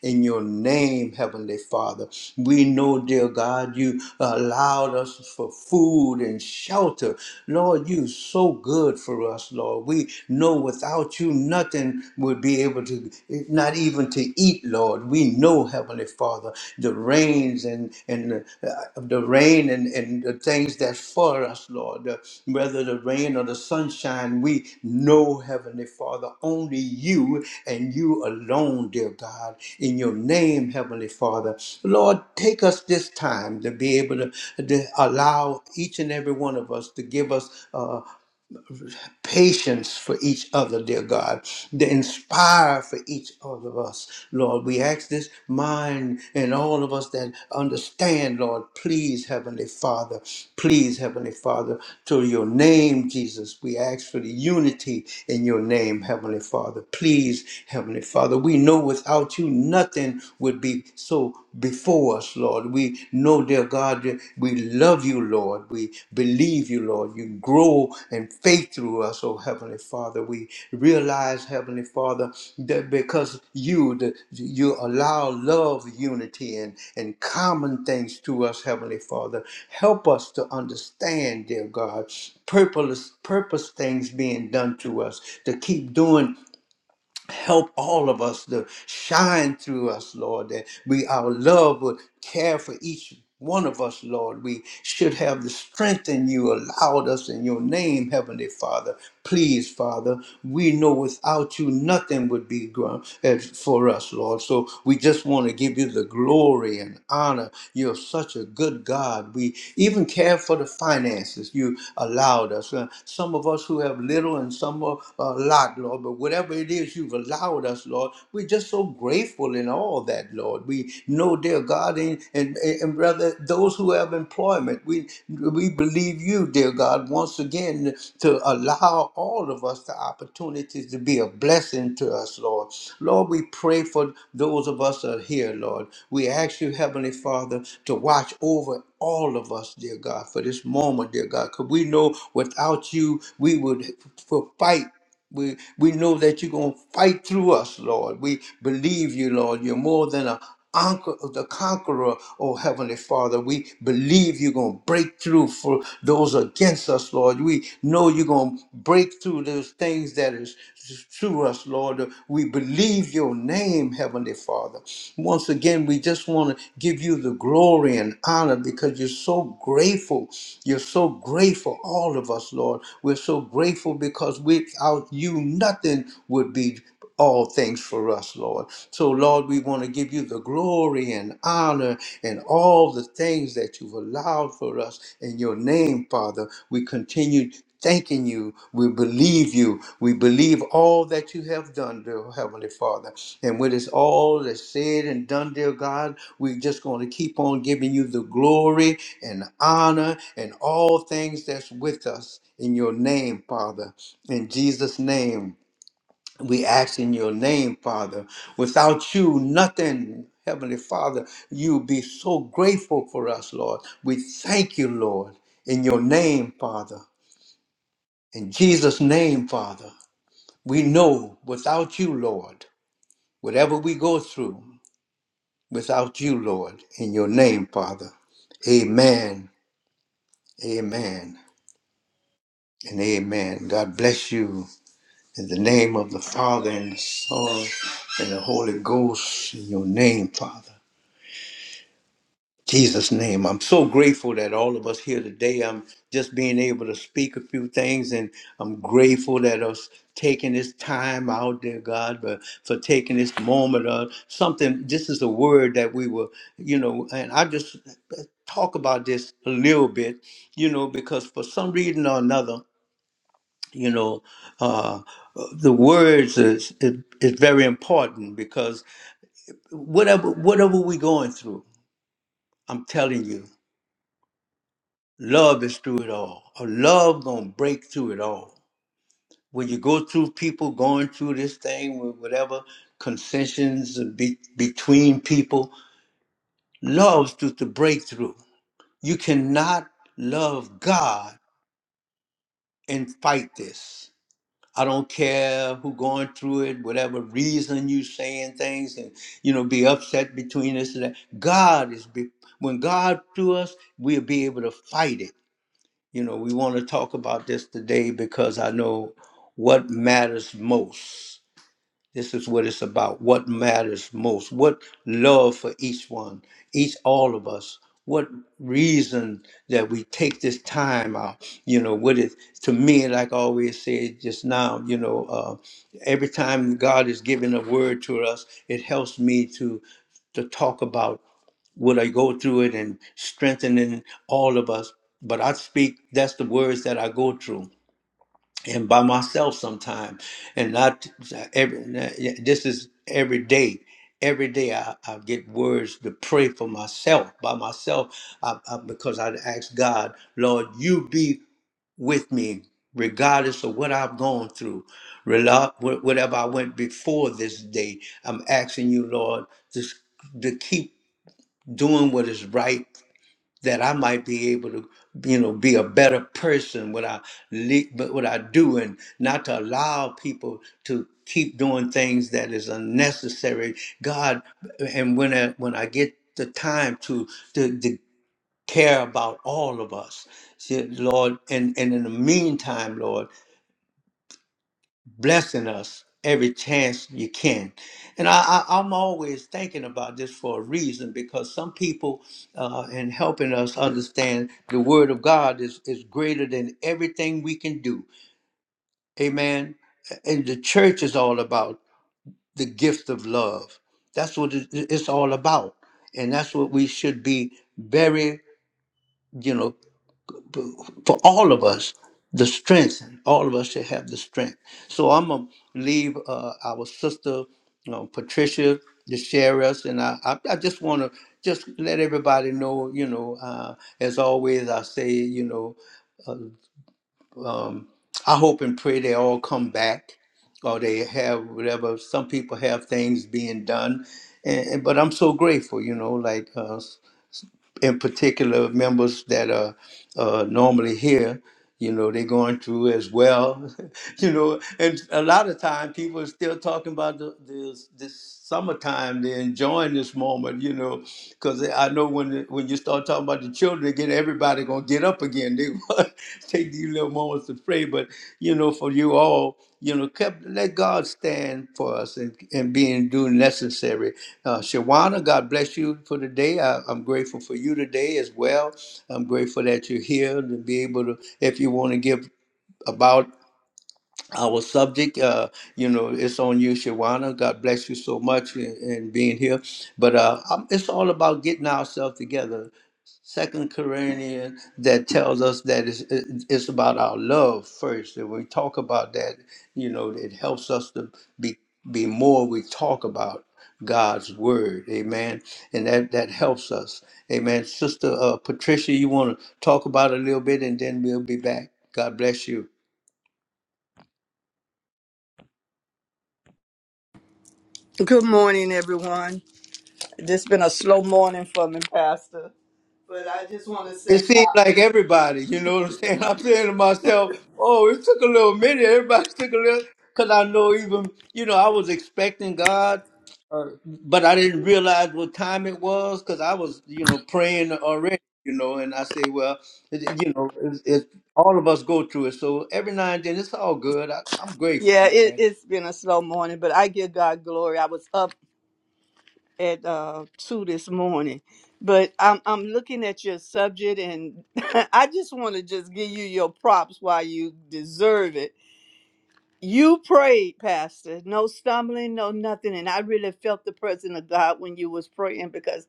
[SPEAKER 1] in your name, Heavenly Father. We know, dear God, you allowed us for food and shelter. Lord, you so good for us, Lord. We know without you, nothing would be able to, not even to eat, Lord. We know, Heavenly Father, the rains and, and the, the rain and, and the things that's for us, Lord, the- whether the rain or the sunshine, we know, Heavenly Father, only you and you alone, dear God, in your name, Heavenly Father. Lord, take us this time to be able to, to allow each and every one of us to give us. uh, patience for each other, dear God, The inspire for each other of us, Lord. We ask this mind and all of us that understand, Lord, please, Heavenly Father, please, Heavenly Father, to your name, Jesus, we ask for the unity in your name, Heavenly Father. Please, Heavenly Father, we know without you nothing would be so before us, Lord. We we know, dear God, we love you, Lord. We believe you, Lord. You grow in faith through us, oh Heavenly Father. We realize, Heavenly Father, that because you, that you allow love, unity, and, and common things to us, Heavenly Father. Help us to understand, dear God, purpose, purpose things being done to us, to keep doing Help all of us to shine through us, Lord, that we our love would care for each one of us, Lord. We should have the strength in you allowed us in your name, Heavenly Father. Please, Father, we know without you nothing would be gr- as for us, Lord. So we just want to give you the glory and honor. You're such a good God. We even care for the finances you allowed us. Uh, some of us who have little and some a uh, lot, Lord, but whatever it is years you've allowed us, Lord. We're just so grateful in all that, Lord. We know, dear God, and, and, and brother, those who have employment, we, we believe you, dear God, once again to allow all of us the opportunities to be a blessing to us, Lord. Lord, we pray for those of us that are here, Lord. We ask you, Heavenly Father, to watch over all of us, dear God, for this moment, dear God, because we know without you, we would f- f- fight. We, we know that you're going to fight through us, Lord. We believe you, Lord. You're more than a anchor, the conqueror, oh Heavenly Father. We believe you're going to break through for those against us, Lord. We know you're going to break through those things that is to us, Lord. We believe your name, Heavenly Father. Once again, we just want to give you the glory and honor because you're so grateful. You're so grateful, all of us, Lord. We're so grateful because without you, nothing would be all things for us, Lord. So, Lord, we want to give you the glory and honor and all the things that you've allowed for us in your name, Father. We continue thanking you. We believe you. We believe all that you have done, dear Heavenly Father. And when it's all that's said and done, dear God, we're just going to keep on giving you the glory and honor and all things that's with us in your name, Father. In Jesus' name, we ask in your name, Father. Without you, nothing. Heavenly Father, you be so grateful for us, Lord. We thank you, Lord, in your name, Father. In Jesus' name, Father, we know without you, Lord, whatever we go through, without you, Lord, in your name, Father. Amen, amen, and amen. God bless you in the name of the Father and the Son and the Holy Ghost in your name, Father. Jesus' name. I'm so grateful that all of us here today, I'm just being able to speak a few things, and I'm grateful that us taking this time out, dear God, but for taking this moment of something. This is a word that we were, you know, and I just talk about this a little bit, you know, because for some reason or another, you know, uh, the words is, is, is very important because whatever whatever we're going through, I'm telling you. Love is through it all. A love gonna break through it all. When you go through people going through this thing with whatever concessions be, between people, love's through the breakthrough. You cannot love God and fight this. I don't care who going through it, whatever reason you saying things and you know be upset between us and that. God is be, when God through us, we'll be able to fight it You know, we want to talk about this today because I know what matters most. This is what it's about. What matters most? What love for each one, each all of us. What reason that we take this time out? You know, what is to me, like I always said just now. You know, uh, every time God is giving a word to us, it helps me to to talk about will I go through it and strengthening all of us. But I speak, that's the words that I go through and by myself sometime and not every, this is every day. Every day I, I get words to pray for myself, by myself, I, I, because I ask God, Lord, you be with me regardless of what I've gone through, rela- wh- whatever I went before this day. I'm asking you, Lord, to, s- to keep doing what is right that I might be able to, you know, be a better person what I le- but what I do, and not to allow people to keep doing things that is unnecessary. God, and when I, when I get the time to to, to care about all of us, see, Lord, and and in the meantime, Lord blessing us every chance you can. And I, I, I'm always thinking about this for a reason because some people, uh, in helping us understand the Word of God, is, is greater than everything we can do. Amen. And the church is all about the gift of love. That's what it- it's all about. And that's what we should be very, you know, for all of us the strength all of us should have the strength so i'm gonna leave uh, our sister you know patricia to share us and i i, I just want to just let everybody know you know uh, as always i say you know um, i hope and pray they all come back or they have whatever some people have things being done and, and- but i'm so grateful you know like uh, in particular members that are uh, normally here you know they're going through as well you know and a lot of time people are still talking about the, this this summertime they're enjoying this moment you know because i know when when you start talking about the children again everybody gonna get up again they wanna take these little moments to pray but you know for you all you know kept, let god stand for us and, and being do necessary uh, Shawana, God bless you for today. I, I'm grateful for you today as well. I'm grateful that you're here to be able to, if you want to give about our subject uh you know it's on you shawana god bless you so much and, and being here but uh um, it's all about getting ourselves together second corinthians that tells us that it's, it- it's about our love first and we talk about that you know it helps us to be be more we talk about god's word amen and that that helps us amen sister uh, patricia you want to talk about it a little bit and then we'll be back god bless you
[SPEAKER 3] Good morning, everyone. This been a slow morning for me, Pastor. But I just want to
[SPEAKER 1] It
[SPEAKER 3] say,
[SPEAKER 1] seemed like everybody, you know what I'm saying? I'm saying to myself, oh, it took a little minute. Everybody took a little, because I know even, you know, I was expecting God, uh, but I didn't realize what time it was because I was, you know, praying already, you know, and I say, well, it, it- you know, it's it's all of us go through it. So every now and then, it's all good. I, I'm grateful,
[SPEAKER 3] yeah, it,
[SPEAKER 1] man.
[SPEAKER 3] it's been a slow morning, but I give God glory. I was up at uh, two this morning, but I'm I'm looking at your subject, and I just want to just give you your props while you deserve it. You prayed, Pastor. No stumbling, no nothing, and I really felt the presence of God when you was praying because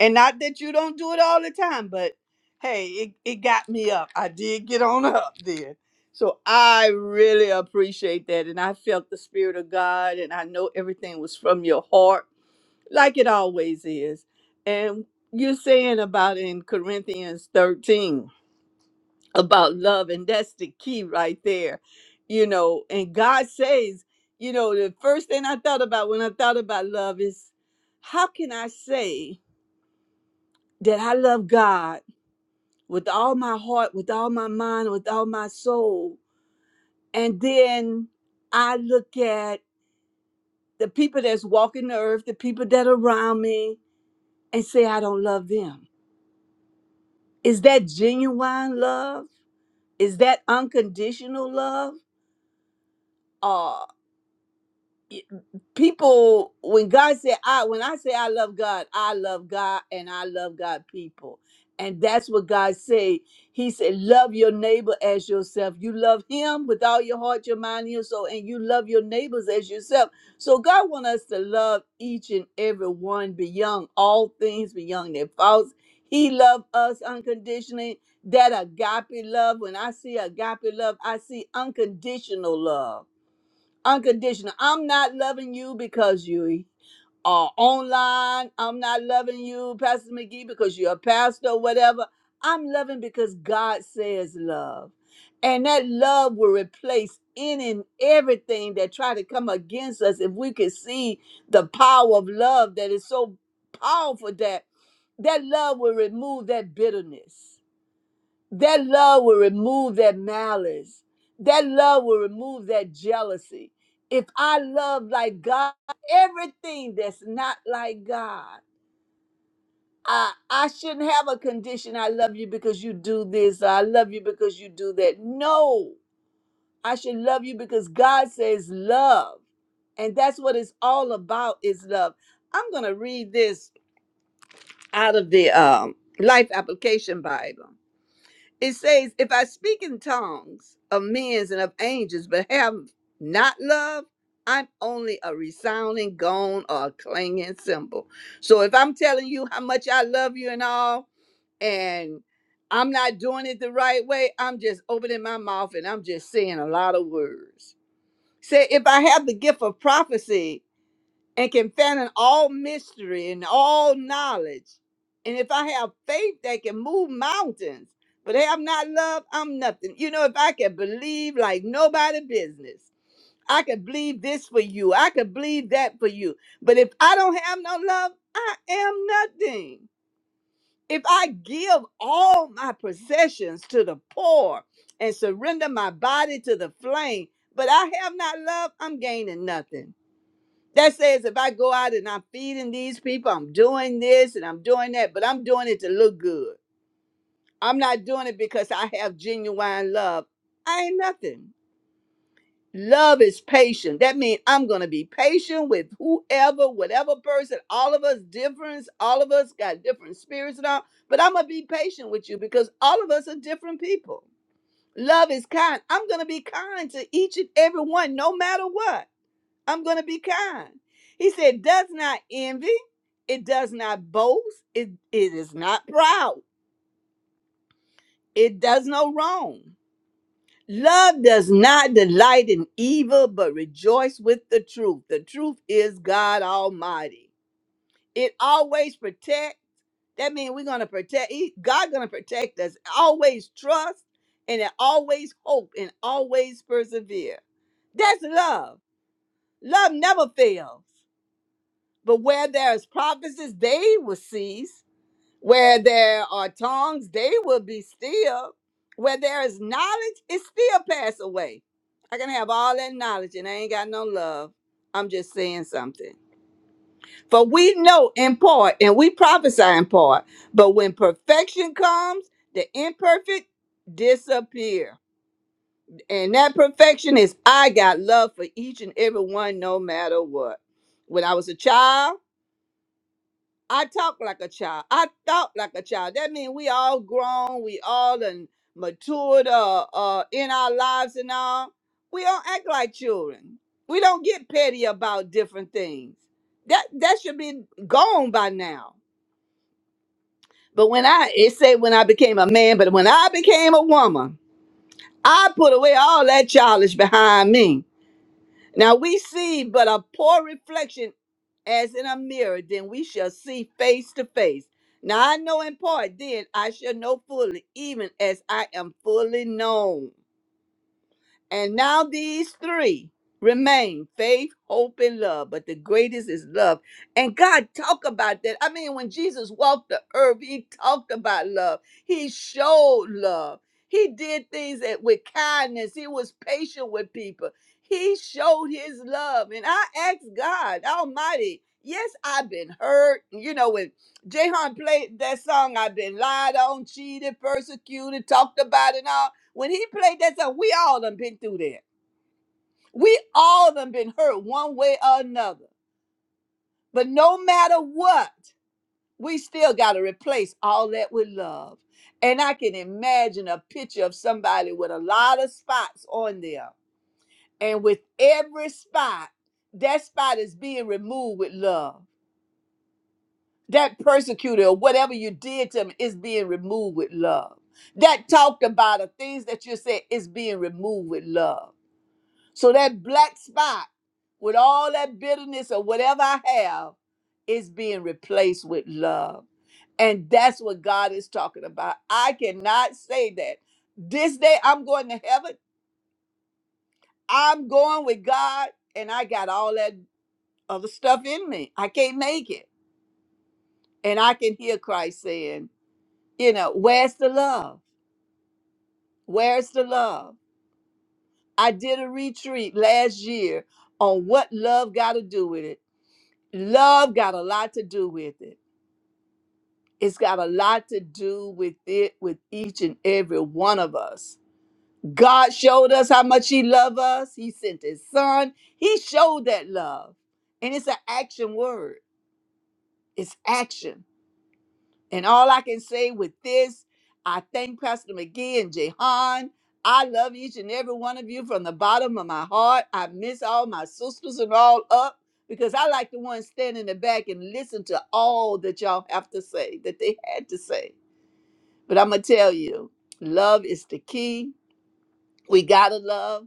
[SPEAKER 3] And not that you don't do it all the time, but hey, it, it got me up. I did get on up there. So I really appreciate that. And I felt the Spirit of God, and I know everything was from your heart, like it always is. And you're saying about in Corinthians 13 about love, and that's the key right there. You know, and God says, you know, the first thing I thought about when I thought about love is how can I say that I love God? with all my heart, with all my mind, with all my soul. And then I look at the people that's walking the earth, the people that are around me, and say, I don't love them. Is that genuine love? Is that unconditional love? Or people when god said i when i say i love god i love god and i love god people and that's what god said he said love your neighbor as yourself you love him with all your heart your mind and your soul and you love your neighbors as yourself so god wants us to love each and every one beyond all things beyond their faults he loved us unconditionally that agape love when i see agape love i see unconditional love unconditional. I'm not loving you because you are online. I'm not loving you, Pastor McGee, because you're a pastor or whatever. I'm loving because God says love. And that love will replace any and everything that try to come against us if we could see the power of love that is so powerful that that love will remove that bitterness that love will remove that malice. That love will remove that jealousy. If I love like God, everything that's not like God, I, I shouldn't have a condition. I love you because you do this. Or I love you because you do that. No, I should love you because God says love. And that's what it's all about is love. I'm going to read this out of the um, Life Application Bible. It says, If I speak in tongues of men's and of angels, but have not love, I'm only a resounding gong or a clanging cymbal. So if I'm telling you how much I love you and all, and I'm not doing it the right way, I'm just opening my mouth and I'm just saying a lot of words. Say, if I have the gift of prophecy and can fathom all mystery and all knowledge. And if I have faith that can move mountains, but have not love, I'm nothing. You know, if I can believe like nobody business, I can believe this for you, I can believe that for you. But if I don't have no love, I am nothing. If I give all my possessions to the poor and surrender my body to the flame, but I have not love, I'm gaining nothing. That says if I go out and I'm feeding these people, I'm doing this and I'm doing that, but I'm doing it to look good. I'm not doing it because I have genuine love. I ain't nothing. Love is patient. That means I'm going to be patient with whoever, whatever person. All of us different. All of us got different spirits and all. But I'm going to be patient with you because all of us are different people. Love is kind. I'm going to be kind to each and every one, no matter what. I'm going to be kind. He said, does not envy. It does not boast. It, it is not proud. It does no wrong. Love does not delight in evil, but rejoice with the truth. The truth is God Almighty. It always protect. That means we're going to protect. he- God going to protect us. Always trust and it always hope and always persevere. That's love. Love never fails. But where there is prophecies, they will cease. Where there are tongues, they will be still. Where there is knowledge, it still pass away. I can have all that knowledge and I ain't got no love. I'm just saying something. For we know in part and we prophesy in part. But when perfection comes, the imperfect disappear. And that perfection is I got love for each and every one no matter what. When I was a child, I talk like a child. I thought like a child. That means we all grown. We all and matured uh, uh, in our lives and all. We don't act like children. We don't get petty about different things. That that should be gone by now. But when I it said when I became a man, but when I became a woman, I put away all that childish behind me now we see but a poor reflection as in a mirror, then we shall see face to face. Now I know in part, then I shall know fully, even as I am fully known. And now these three remain faith, hope, and love. But the greatest is love. And God talked about that. I mean, when Jesus walked the earth, he talked about love. He showed love. He did things that, with kindness. He was patient with people. He showed his love. And I asked God Almighty, yes, I've been hurt. You know, when Jehan played that song, I've been lied on, cheated, persecuted, talked about, and all. When he played that song, we all done been through that. We all done been hurt one way or another. But no matter what, we still got to replace all that with love. And I can imagine a picture of somebody with a lot of spots on them. And with every spot, that spot is being removed with love. That persecutor or whatever you did to them is being removed with love. That talked about or things that you said is being removed with love So that black spot with all that bitterness or whatever I have is being replaced with love. And that's what God is talking about. I cannot say that this day I'm going to heaven, I'm going with God, and I got all that other stuff in me. I can't make it. And I can hear Christ saying, you know, where's the love? Where's the love? I did a retreat last year on what love got to do with it. love got a lot to do with it it's got a lot to do with it with each and every one of us god showed us how much he loved us he sent his son he showed that love and it's an action word it's action And all I can say with this, I thank Pastor McGee and Jehan. I love each and every one of you from the bottom of my heart. I miss all my sisters and all up because I like the ones standing in the back and listen to all that y'all have to say, that they had to say. But I'm going to tell you, love is the key. We got to love.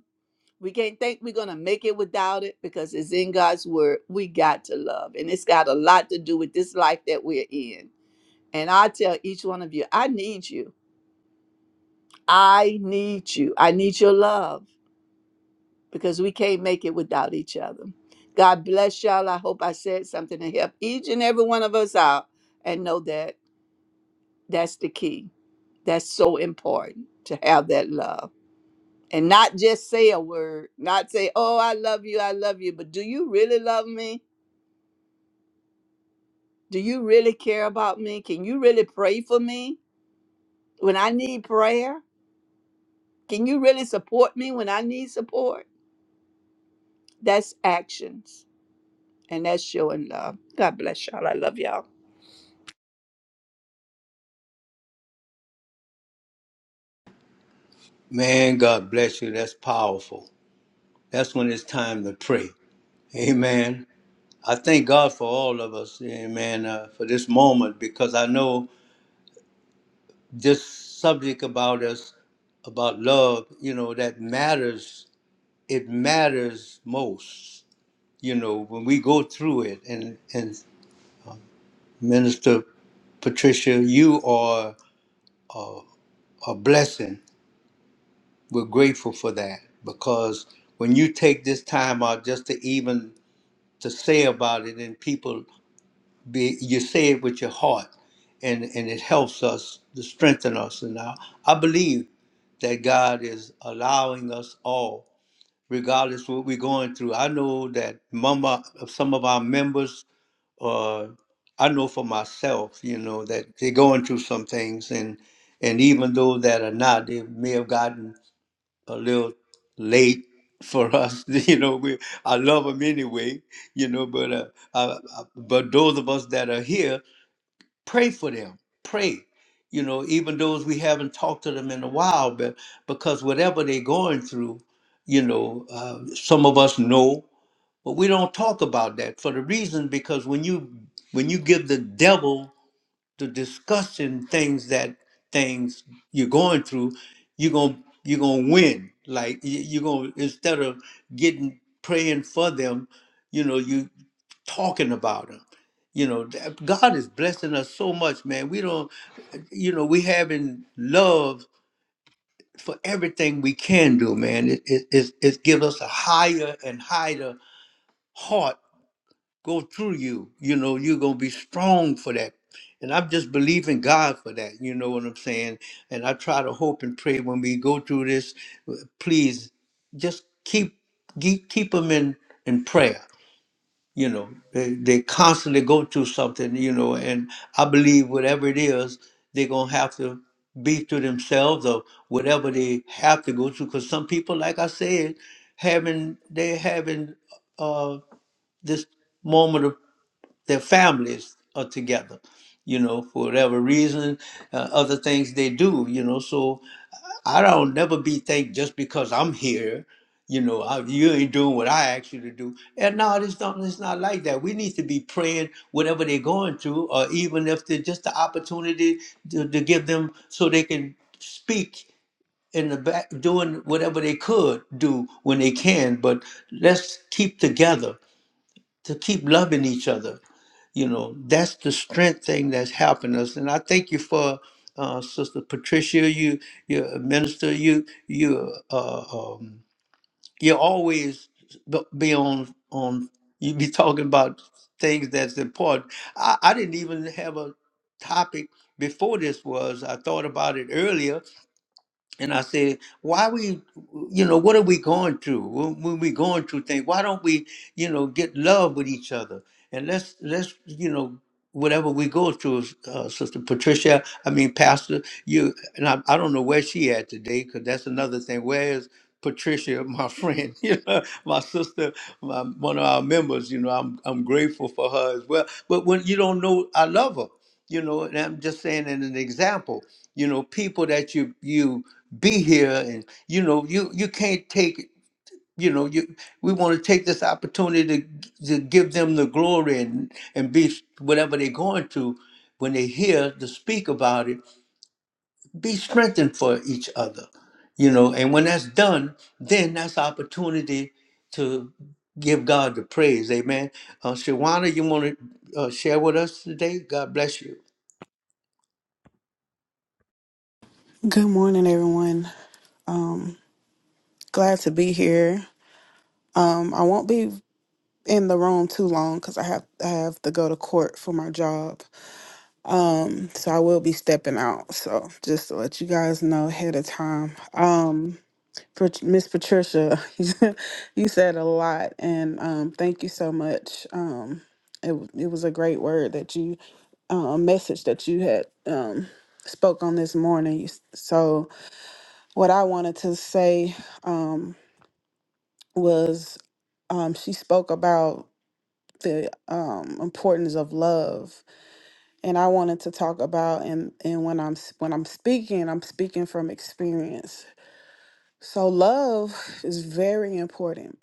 [SPEAKER 3] We can't think we're going to make it without it because it's in God's word. We got to love. And it's got a lot to do with this life that we're in. And I tell each one of you, I need you. I need you. I need your love because we can't make it without each other. God bless y'all. I hope I said something to help each and every one of us out and know that that's the key. That's so important to have that love and not just say a word, not say, Oh, I love you. I love you. But do you really love me? Do you really care about me? Can you really pray for me when I need prayer? Can you really support me when I need support? That's actions and that's showing love. God bless y'all. I love y'all.
[SPEAKER 1] Man, God bless you. That's powerful. That's when it's time to pray. Amen. I thank God for all of us, amen, uh, for this moment because I know this subject about us, about love, you know, that matters. It matters most, you know, when we go through it. And, and Minister Patricia, you are a blessing. We're grateful for that because when you take this time out just to even to say about it and people be you say it with your heart and and it helps us to strengthen us and I, I believe that god is allowing us all regardless what we're going through i know that mama some of our members uh i know for myself you know that they're going through some things and and even though that are not they may have gotten a little late for us you know we i love them anyway you know but uh, I, I, but those of us that are here pray for them. Pray, you know, even those we haven't talked to them in a while, but because whatever they're going through, you know, uh, some of us know, but we don't talk about that for the reason because when you when you give the devil the discussion things that things you're going through, you're gonna you're gonna win. Like you- you're gonna instead of getting praying for them, you know, you talking about him. You know, that- God is blessing us so much, man. We don't, you know, we having love for everything we can do, man. It it it, it gives us a higher and higher heart go through you. You know, you're gonna be strong for that. And I'm just believing God for that. You know what I'm saying? And I try to hope and pray when we go through this. Please, just keep keep keep them in in prayer you know they, they constantly go through something you know and i believe whatever it is they're gonna have to be to themselves or whatever they have to go through because some people like i said having they having uh this moment of their families are together you know for whatever reason uh, other things they do you know so I don't never be think just because I'm here, you know, I, you ain't doing what I asked you to do. And no, it's not. It's not like that. We need to be praying whatever they're going through, or even if they're just the opportunity to, to give them so they can speak in the back, doing whatever they could do when they can. But let's keep together to keep loving each other you know that's the strength thing that's helping us and i thank you for uh, sister patricia you you a minister you you uh, uh, um, you always b- be on on you be talking about things that's important i, I didn't even have a topic before this was i thought about it earlier and I said, why we, you know, what are we going through? When, when we going through things, why don't we, you know, get love with each other? And let's, let's, you know, whatever we go through, uh, Sister Patricia, I mean, Pastor, you, and I, I don't know where she at today, because that's another thing. Where is Patricia, my friend, you know, my sister, my, one of our members, you know, I'm, I'm grateful for her as well. But when you don't know, I love her you know and i'm just saying in an example you know people that you you be here and you know you you can't take you know you we want to take this opportunity to, to give them the glory and and be whatever they're going through when they hear to speak about it be strengthened for each other you know and when that's done then that's opportunity to give god the praise amen uh shawana you want to uh, share with us today god bless you
[SPEAKER 4] Good morning, everyone. Um, glad to be here. Um, I won't be in the room too long because I have I have to go to court for my job. Um, so I will be stepping out. So just to let you guys know ahead of time. Um, Pat- Miss Patricia, you said a lot, and um, thank you so much. Um, it w- it was a great word that you, uh, a message that you had um spoke on this morning. So what I wanted to say um, was um, she spoke about the um, importance of love, and I wanted to talk about and and when I'm s- when I'm speaking, I'm speaking from experience. So love is very important,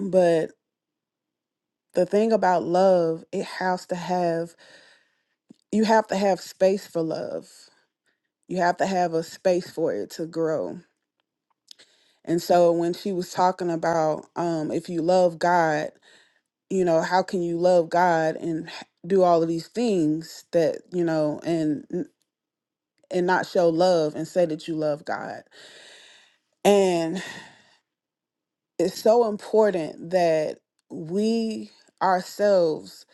[SPEAKER 4] but the thing about love, it has to have you have to have space for love. You have to have a space for it to grow. And so when she was talking about um, if you love God you know how can you love god and h- do all of these things that you know and and not show love and say that you love god and it's so important that we ourselves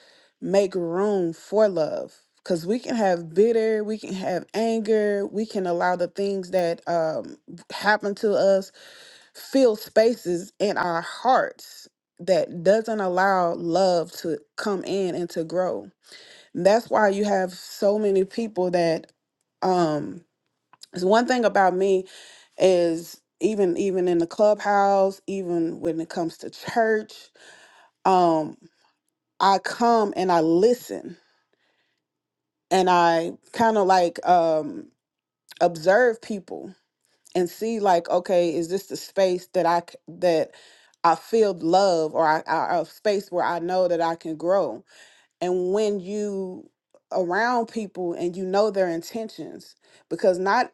[SPEAKER 4] make room for love because we can have bitter we can have anger we can allow the things that um, happen to us fill spaces in our hearts that doesn't allow love to come in and to grow That's why you have so many people that um it's one thing about me is even even in the clubhouse, even when it comes to church, um I come and I listen and I kind of like um observe people and see like okay, is this the space that I c- that I feel love or I, I a space where I know that I can grow and when you around people and you know their intentions because not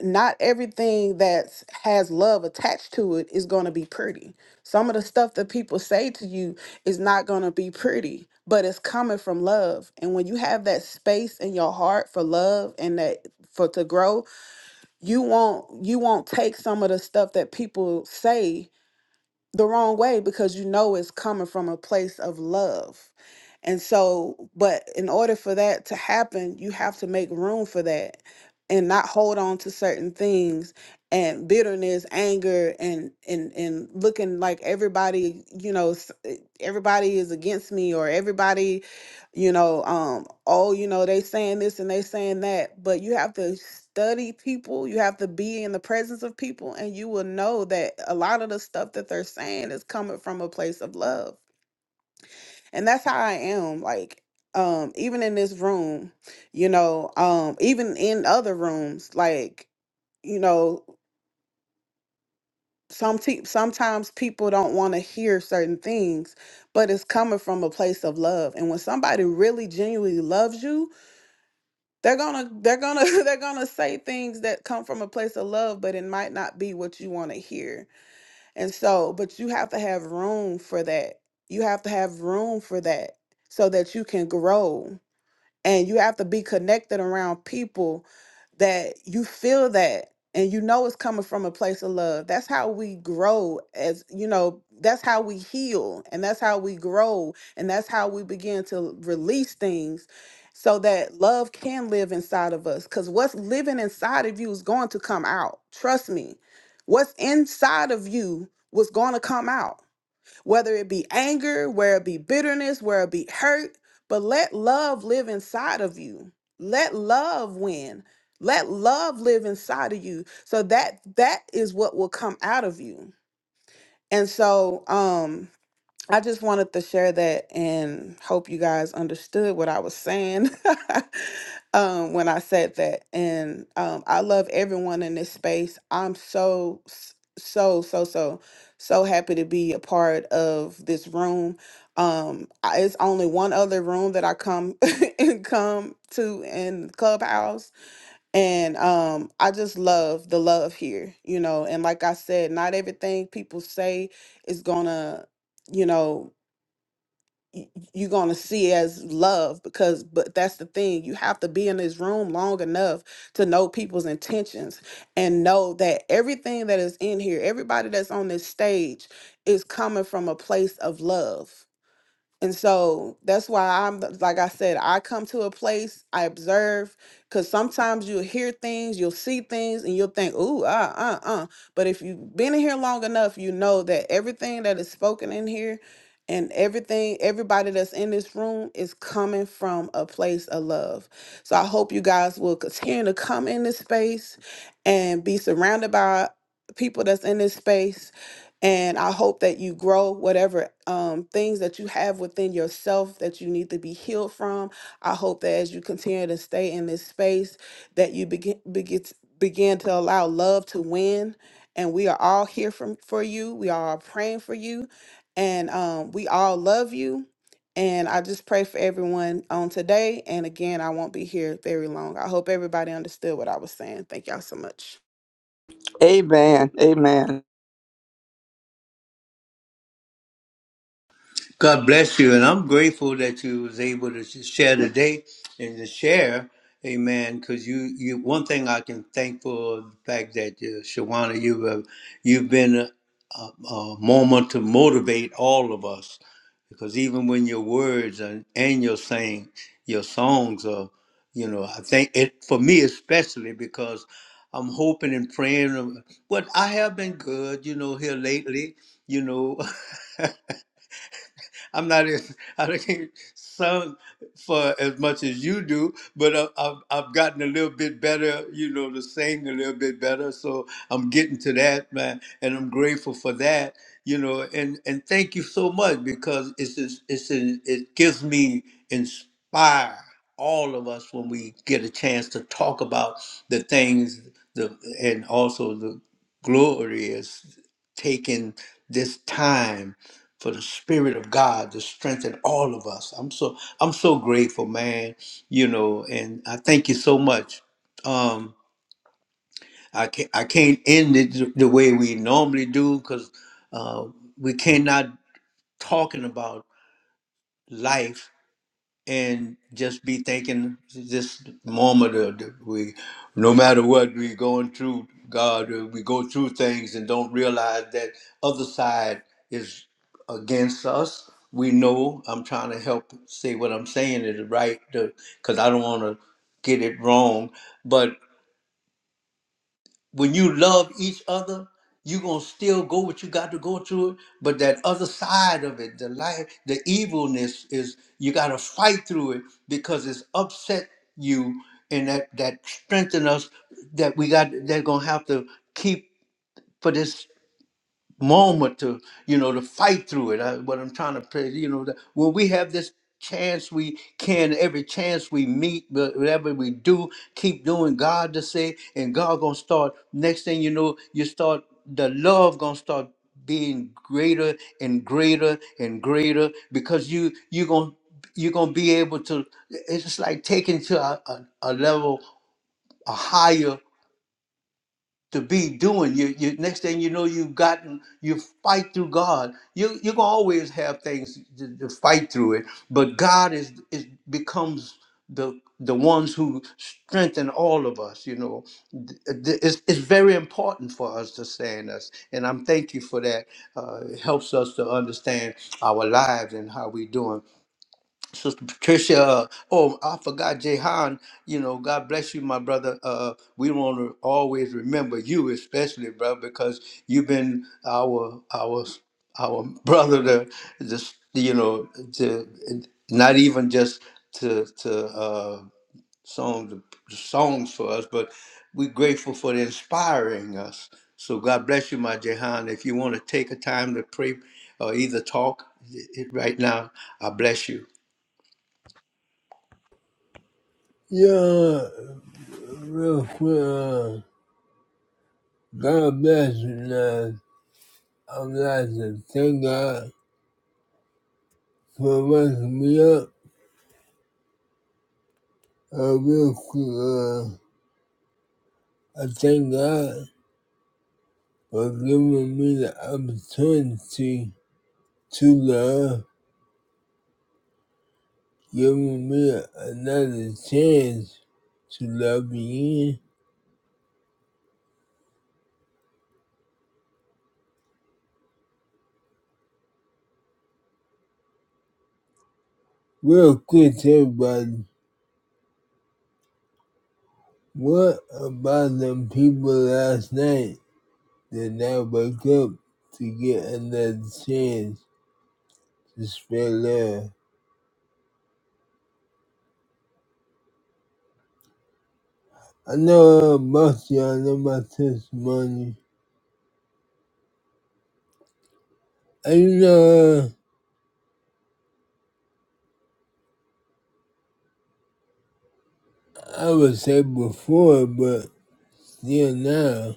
[SPEAKER 4] not everything that has love attached to it is going to be pretty some of the stuff that people say to you is not going to be pretty but it's coming from love and when you have that space in your heart for love and that for to grow you won't you won't take some of the stuff that people say the wrong way because you know it's coming from a place of love. And so, but in order for that to happen, you have to make room for that and not hold on to certain things and bitterness, anger and and and looking like everybody, you know, s- eh, everybody is against me or everybody you know um oh you know they saying this and they saying that but you have to study people you have to be in the presence of people and you will know that a lot of the stuff that they're saying is coming from a place of love and that's how i am like um even in this room you know um even in other rooms like you know some te- sometimes people don't want to hear certain things but it's coming from a place of love and when somebody really genuinely loves you they're gonna they're gonna they're gonna say things that come from a place of love but it might not be what you want to hear and so but you have to have room for that you have to have room for that so that you can grow and you have to be connected around people that you feel that and you know it's coming from a place of love that's how we grow as you know that's how we heal and that's how we grow and that's how we begin to release things so that love can live inside of us because what's living inside of you is going to come out trust me what's inside of you was going to come out whether it be anger, whether it be bitterness, whether it be hurt, but let love live inside of you. Let love win. Let love live inside of you. So that that is what will come out of you. And so um I just wanted to share that and hope you guys understood what I was saying um, when I said that. And um, I love everyone in this space. I'm so, s- so, so, so, so happy to be a part of this room. Um, I, it's only one other room that I come and come to in Clubhouse, and um, I just love the love here, you know. And like I said, not everything people say is gonna you know y- you're going to see as love because but that's the thing you have to be in this room long enough to know people's intentions and know that everything that is in here everybody that's on this stage is coming from a place of love and so that's why I'm like I said, I come to a place, I observe, because sometimes you'll hear things, you'll see things, and you'll think, ooh, uh, uh, uh. But if you've been in here long enough, you know that everything that is spoken in here and everything, everybody that's in this room is coming from a place of love. So I hope you guys will continue to come in this space and be surrounded by people that's in this space and I hope that you grow whatever um, things that you have within yourself that you need to be healed from. I hope that as you continue to stay in this space, that you begin begin, begin to allow love to win. And we are all here from, for you. We are all praying for you. And um, we all love you. And I just pray for everyone on today. And again, I won't be here very long. I hope everybody understood what I was saying. Thank y'all so much.
[SPEAKER 3] Amen. Amen.
[SPEAKER 1] God bless you, and I'm grateful that you was able to just share today and to share, Amen. Because you, you, one thing I can thank for the fact that uh, Shawana, you have, you've been a, a, a moment to motivate all of us, because even when your words and, and your saying, your songs are, you know, I think it for me especially because I'm hoping and praying. But I have been good, you know, here lately, you know. I'm not as I do not sung for as much as you do, but I, I've I've gotten a little bit better, you know, to sing a little bit better. So I'm getting to that, man, and I'm grateful for that, you know, and and thank you so much because it's just- it's an- it gives me inspire all of us when we get a chance to talk about the things the and also the glory is taking this time for the spirit of God to strengthen all of us. I'm so I'm so grateful, man. You know, and I thank you so much. Um, I can't I can't end it th- the way we normally do because uh, we cannot talking about life and just be thinking this moment of the- we no matter what we're going through god uh, we go through things and don't realize that other side is against us we know i'm trying to help say what i'm saying is right because i don't want to get it wrong but when you love each other, you're gonna still go what you got to go through it. But that other side of it, the life, the evilness is you gotta fight through it because it's upset you and that that strengthen us that we got they're gonna have to keep for this moment to you know to fight through it. I, what I'm trying to pray, you know, that when we have this chance we can every chance we meet but whatever we do keep doing god to say and god gonna start next thing you know you start the love gonna start being greater and greater and greater because you you gonna you're gonna be able to it's just like taking to a, a, a level a higher to be doing. You, you next thing you know, you've gotten you fight through God. You you're gonna always have things to, to fight through it, but God is is becomes the the ones who strengthen all of us. You know, Th- th- it's, it's very important for us to stand us, and I'm thank you for that. Uh, it helps us to understand our lives and how we doing. Sister Patricia, uh, oh, I forgot Jehan. You know, God bless you, my brother. Uh, we want to always remember you, especially, brother, because you've been our our our brother. To just you know, to not even just to to uh, songs songs for us, but we're grateful for inspiring us. So God bless you, my Jehan. If you want to take a time to pray or either talk i- right now, I bless you.
[SPEAKER 2] Yeah, real quick, uh, God bless you guys. I'm glad to thank God for waking me up. Uh, real quick, uh, I thank God. for giving me the opportunity to love, giving me another chance to love again. Real quick, everybody, what about them people last night that now wake up to get another chance to spread love? I know uh, most of y'all know my testimony. And you know, uh, I would say before, but still now.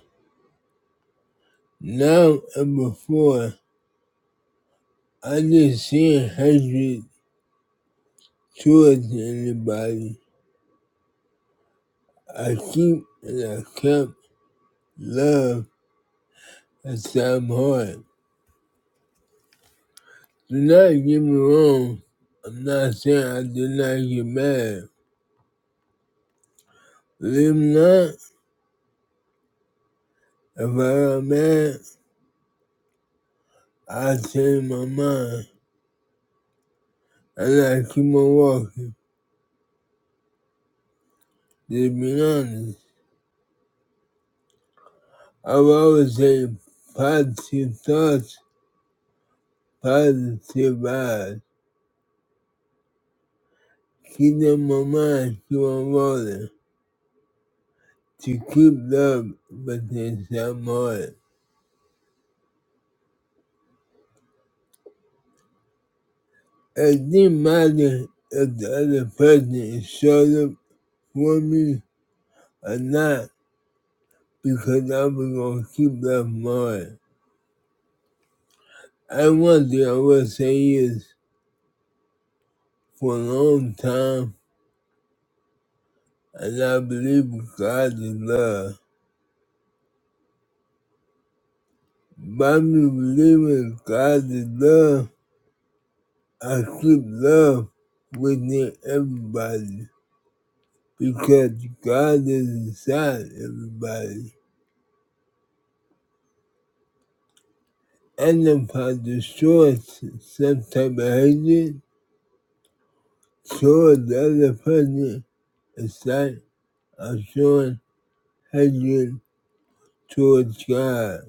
[SPEAKER 2] Now and before. I just seen hatred towards anybody. I keep and I kept love inside my heart. Do not get me wrong. I'm not saying I did not get mad. Believe it or not, if I got mad, I change my mind and I keep on walking. To be honest, I've always said positive thoughts, positive vibes. Keep them in my mind, keep on rolling. to keep love within someone. It didn't matter if the other person is showed up for me or not because I was going to keep that mine. I one thing I will say is for a long time, and I believe God is love. By me believing God is love, I keep love within everybody because God is inside everybody. And if I destroy sometime behind it, toward the other person, it's like I'm showing hatred towards God.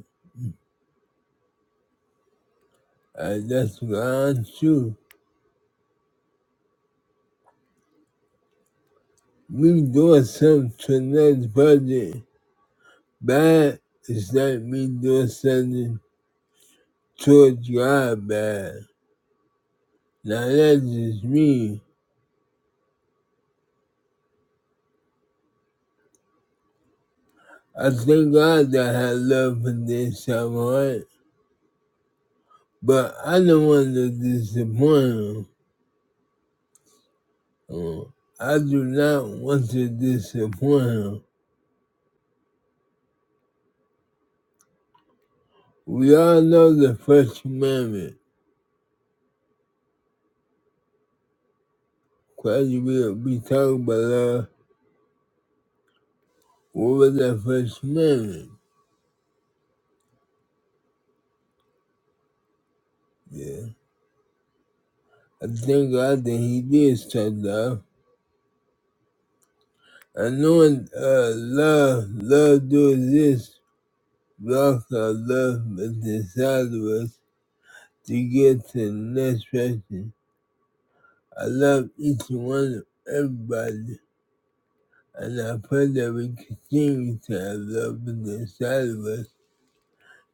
[SPEAKER 2] And that's God's truth. Me doing something to another person bad it's like me doing something towards God bad. Now that's just me. I thank God that I have love for this, alright? But I don't want to disappoint him. Oh, I do not want to disappoint him. We all know the First Amendment. Quite a bit we talk about love. what was the First Amendment? Yeah. I thank God that he did start love. I know uh, love, love does this, block our love but inside of us to get to the next person. I love each one of everybody. and I pray that we continue to have love in the inside of us.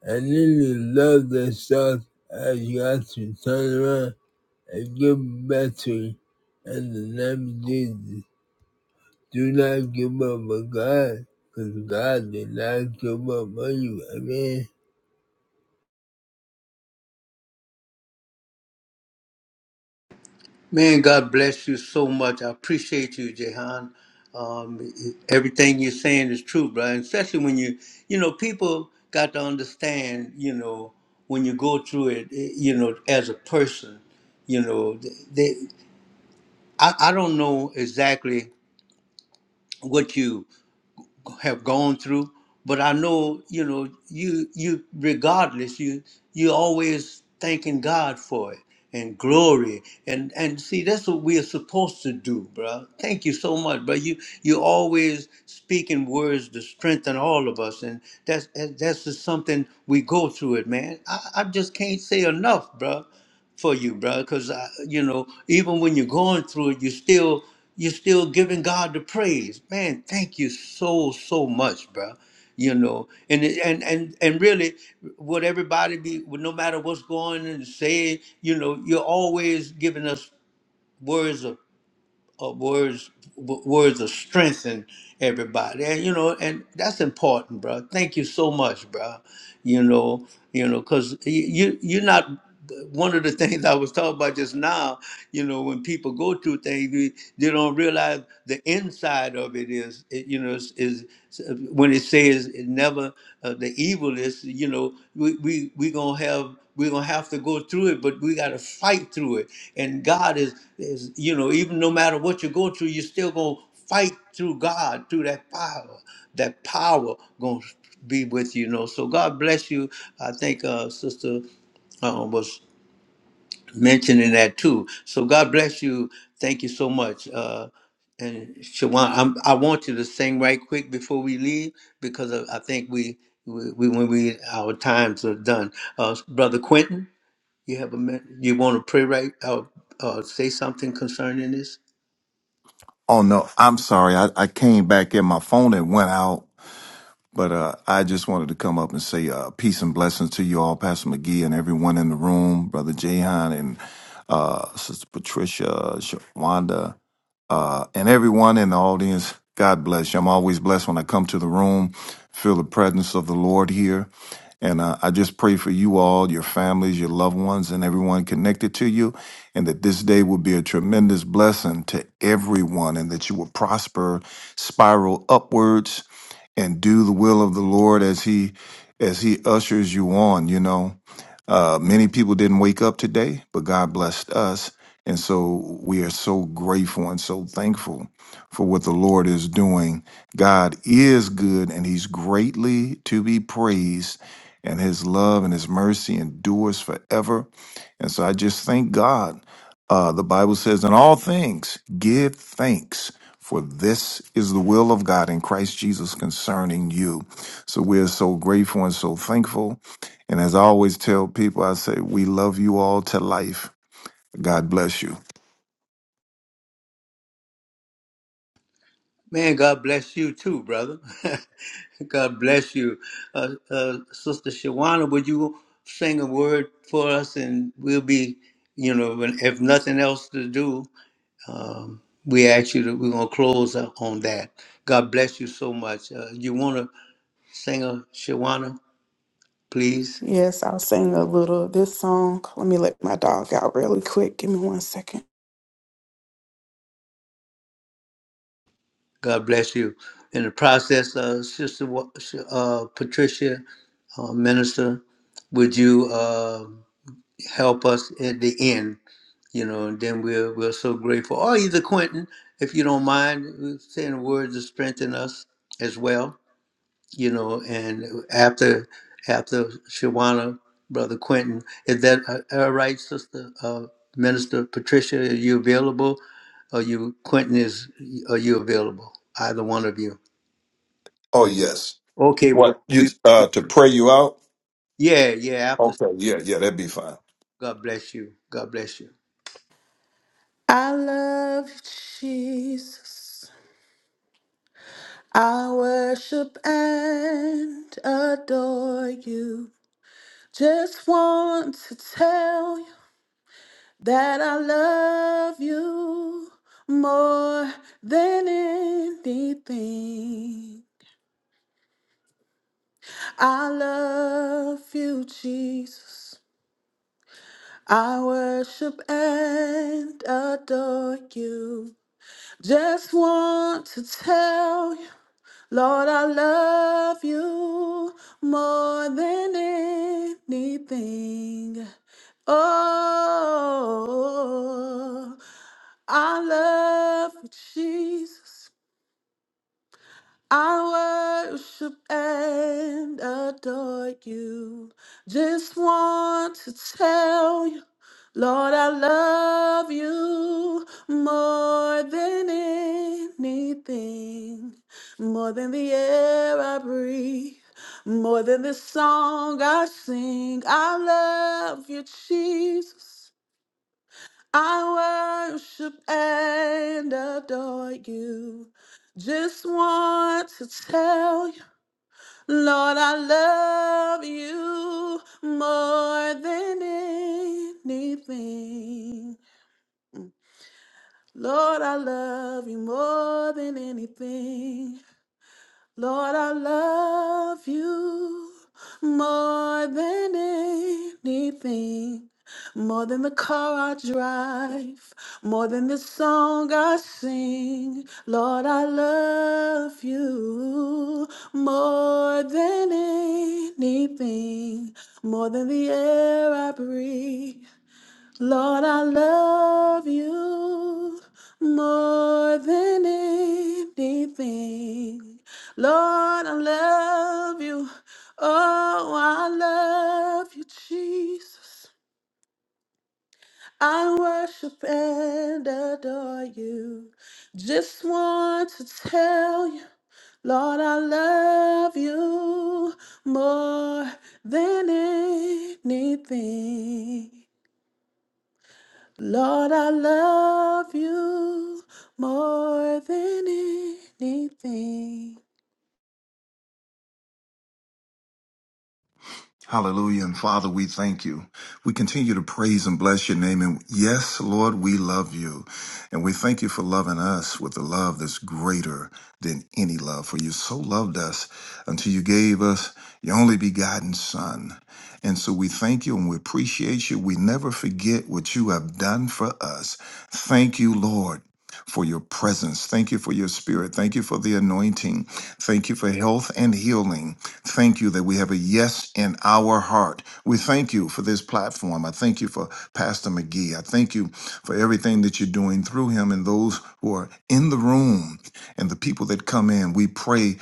[SPEAKER 2] I need love that starts as God to turn around and give it back to you. In the name of Jesus, do not give up on God, because God did not give up on you. Amen.
[SPEAKER 1] Man, God bless you so much. I appreciate you, Jehan. Um, everything you're saying is true, brother. And Especially when you, you know, people got to understand, you know, when you go through it, eh, you know, as a person, you know, they, I, I don't know exactly what you have gone through. But I know, you know, you you regardless, you you always thanking God for it and glory and and see that's what we are supposed to do, bro. Thank you so much, bro. You you always speaking words to strengthen all of us, and that's that's just something we go through it, man. I, I just can't say enough, bro for you, brother. Because you know, even when you're going through it, you still you're still giving God the praise. Man, thank you so so much, bro. You know, and it- and and and really, would everybody be? would No matter what's going and say, you know, you're always giving us words of, of words w- words of strength and everybody, and you know, and that's important, bro. Thank you so much, bro you know, you know, because you you're not one of the things I was talking about just now, you know, when people go through things, they, they don't realize the inside of it is, it, you know, is, is when it says it never uh, the evil is, you know, we we we gonna have we're gonna have to go through it, but we gotta fight through it. And God is is you know, even no matter what you go through, you're still gonna fight through God, through that power. That power gonna be with you, you know. So God bless you. I think uh, Sister uh, was mentioning that too. So God bless you. Thank you so much. Uh, and Shawan, I'm, I want you to sing right quick before we leave because I I think we, we, we when we our times are done. Uh, Brother Quentin, you have a min- you want to pray right? Uh, uh, say something concerning this.
[SPEAKER 5] Oh no, I'm sorry. I, I came back in my phone and went out. But uh, I just wanted to come up and say uh, peace and blessings to you all, Pastor McGee and everyone in the room, Brother Jahan and uh, Sister Patricia, Sh- Wanda uh, and everyone in the audience. God bless you. I'm always blessed when I come to the room, feel the presence of the Lord here. And uh, I just pray for you all, your families, your loved ones, and everyone connected to you, and that this day will be a tremendous blessing to everyone, and that you will prosper, spiral upwards, and do the will of the Lord as He as He ushers you on. You know, uh, many people didn't wake up today, but God blessed us. And so we are so grateful and so thankful for what the Lord is doing. God is good and he's greatly to be praised, and his love and his mercy endures forever. And so I just thank God. Uh, the Bible says, in all things, give thanks, for this is the will of God in Christ Jesus concerning you. So we are so grateful and so thankful and as I always tell people, I say, we love you all to life. God bless you.
[SPEAKER 1] Man, God bless you too, brother. God bless you. Uh, uh, Sister Shawana, would you sing a word for us? And we'll be, you know, when- if nothing else to do, um, we ask you that we're going to close up on that. God bless you so much. Uh, you want to sing a Shawana, please?
[SPEAKER 4] Yes, I'll sing a little of this song. Let me let my dog out really quick. Give me one second.
[SPEAKER 1] God bless you. In the process, uh, Sister Wa- Sh- uh, Patricia, uh, Minister, would you? uh, help us at the end, you know, and then we're we're so grateful. Or either Quentin, if you don't mind, uh, saying words to strengthen us as well, you know. And after after Shawana, brother Quentin, is that uh, all right, sister uh, Minister Patricia? Are you available? Are you Quentin? Is are you available? Either one of you.
[SPEAKER 5] Oh yes.
[SPEAKER 1] Okay. Well,
[SPEAKER 5] What you
[SPEAKER 1] we
[SPEAKER 5] uh to pray you out?
[SPEAKER 1] yeah yeah. After
[SPEAKER 5] Okay. Yeah, yeah, that'd be fine.
[SPEAKER 1] God bless you. God bless you.
[SPEAKER 4] I love Jesus. I worship and adore you. Just want to tell you that I love you more than anything. I love you, Jesus. I worship and adore you. Just want to tell you, Lord, I love you more than anything. Oh, I love you, Jesus. I worship and adore you. Just want to tell you, Lord, I love you more than anything, more than the air I breathe, more than the song I sing. I love you, Jesus. I worship and adore you. Just want to tell you, Lord, I love you more than anything. Lord, I love you more than anything. Lord, I love you more than anything, more than the car I drive, more than the song I sing. Lord, I love you more than anything, more than the air I breathe, Lord, I love you more than anything. Lord, I love you. Oh, I love you, Jesus. I worship and adore you. Just want to tell you, Lord, I love you more than anything. Lord, I love you more than anything.
[SPEAKER 5] Hallelujah. And Father, we thank you. We continue to praise and bless your name. And yes, Lord, we love you. And we thank you for loving us with a love that's greater than any love. For you so loved us until you gave us your only begotten Son. And so we thank you and we appreciate you. We never forget what you have done for us. Thank you, Lord for your presence. Thank you for your spirit. Thank you for the anointing. Thank you for health and healing. Thank you that we have a yes in our heart. We thank you for this platform. I thank you for Pastor McGee. I thank you for everything that you're doing through him and those who are in the room and the people that come in. We pray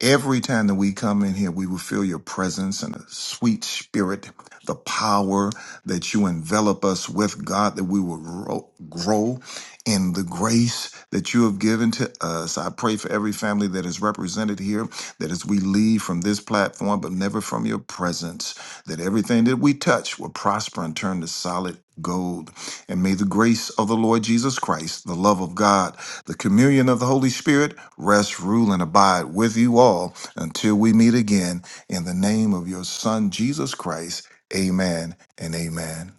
[SPEAKER 5] Every time that we come in here, we will feel your presence and a sweet spirit, the power that you envelop us with, God, that we will ro- grow, in the grace that you have given to us. I pray for every family that is represented here, that as we leave from this platform, but never from your presence, that everything that we touch will prosper and turn to solid gold. And may the grace of the Lord Jesus Christ, the love of God, the communion of the Holy Spirit rest, rule, and abide with you all until we meet again. In the name of your Son, Jesus Christ, amen and amen.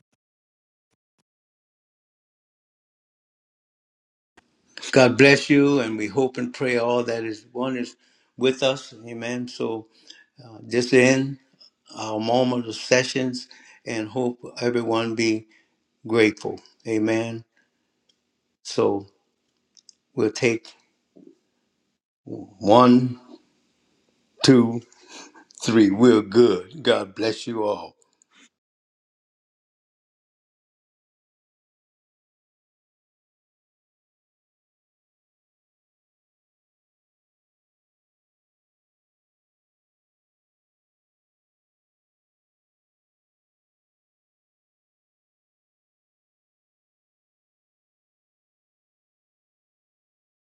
[SPEAKER 1] God bless you, and we hope and pray all that is one is with us. Amen. So uh, this end our moment of sessions, and hope everyone be grateful. Amen. So we'll take one, two, three. We're good. God bless you all.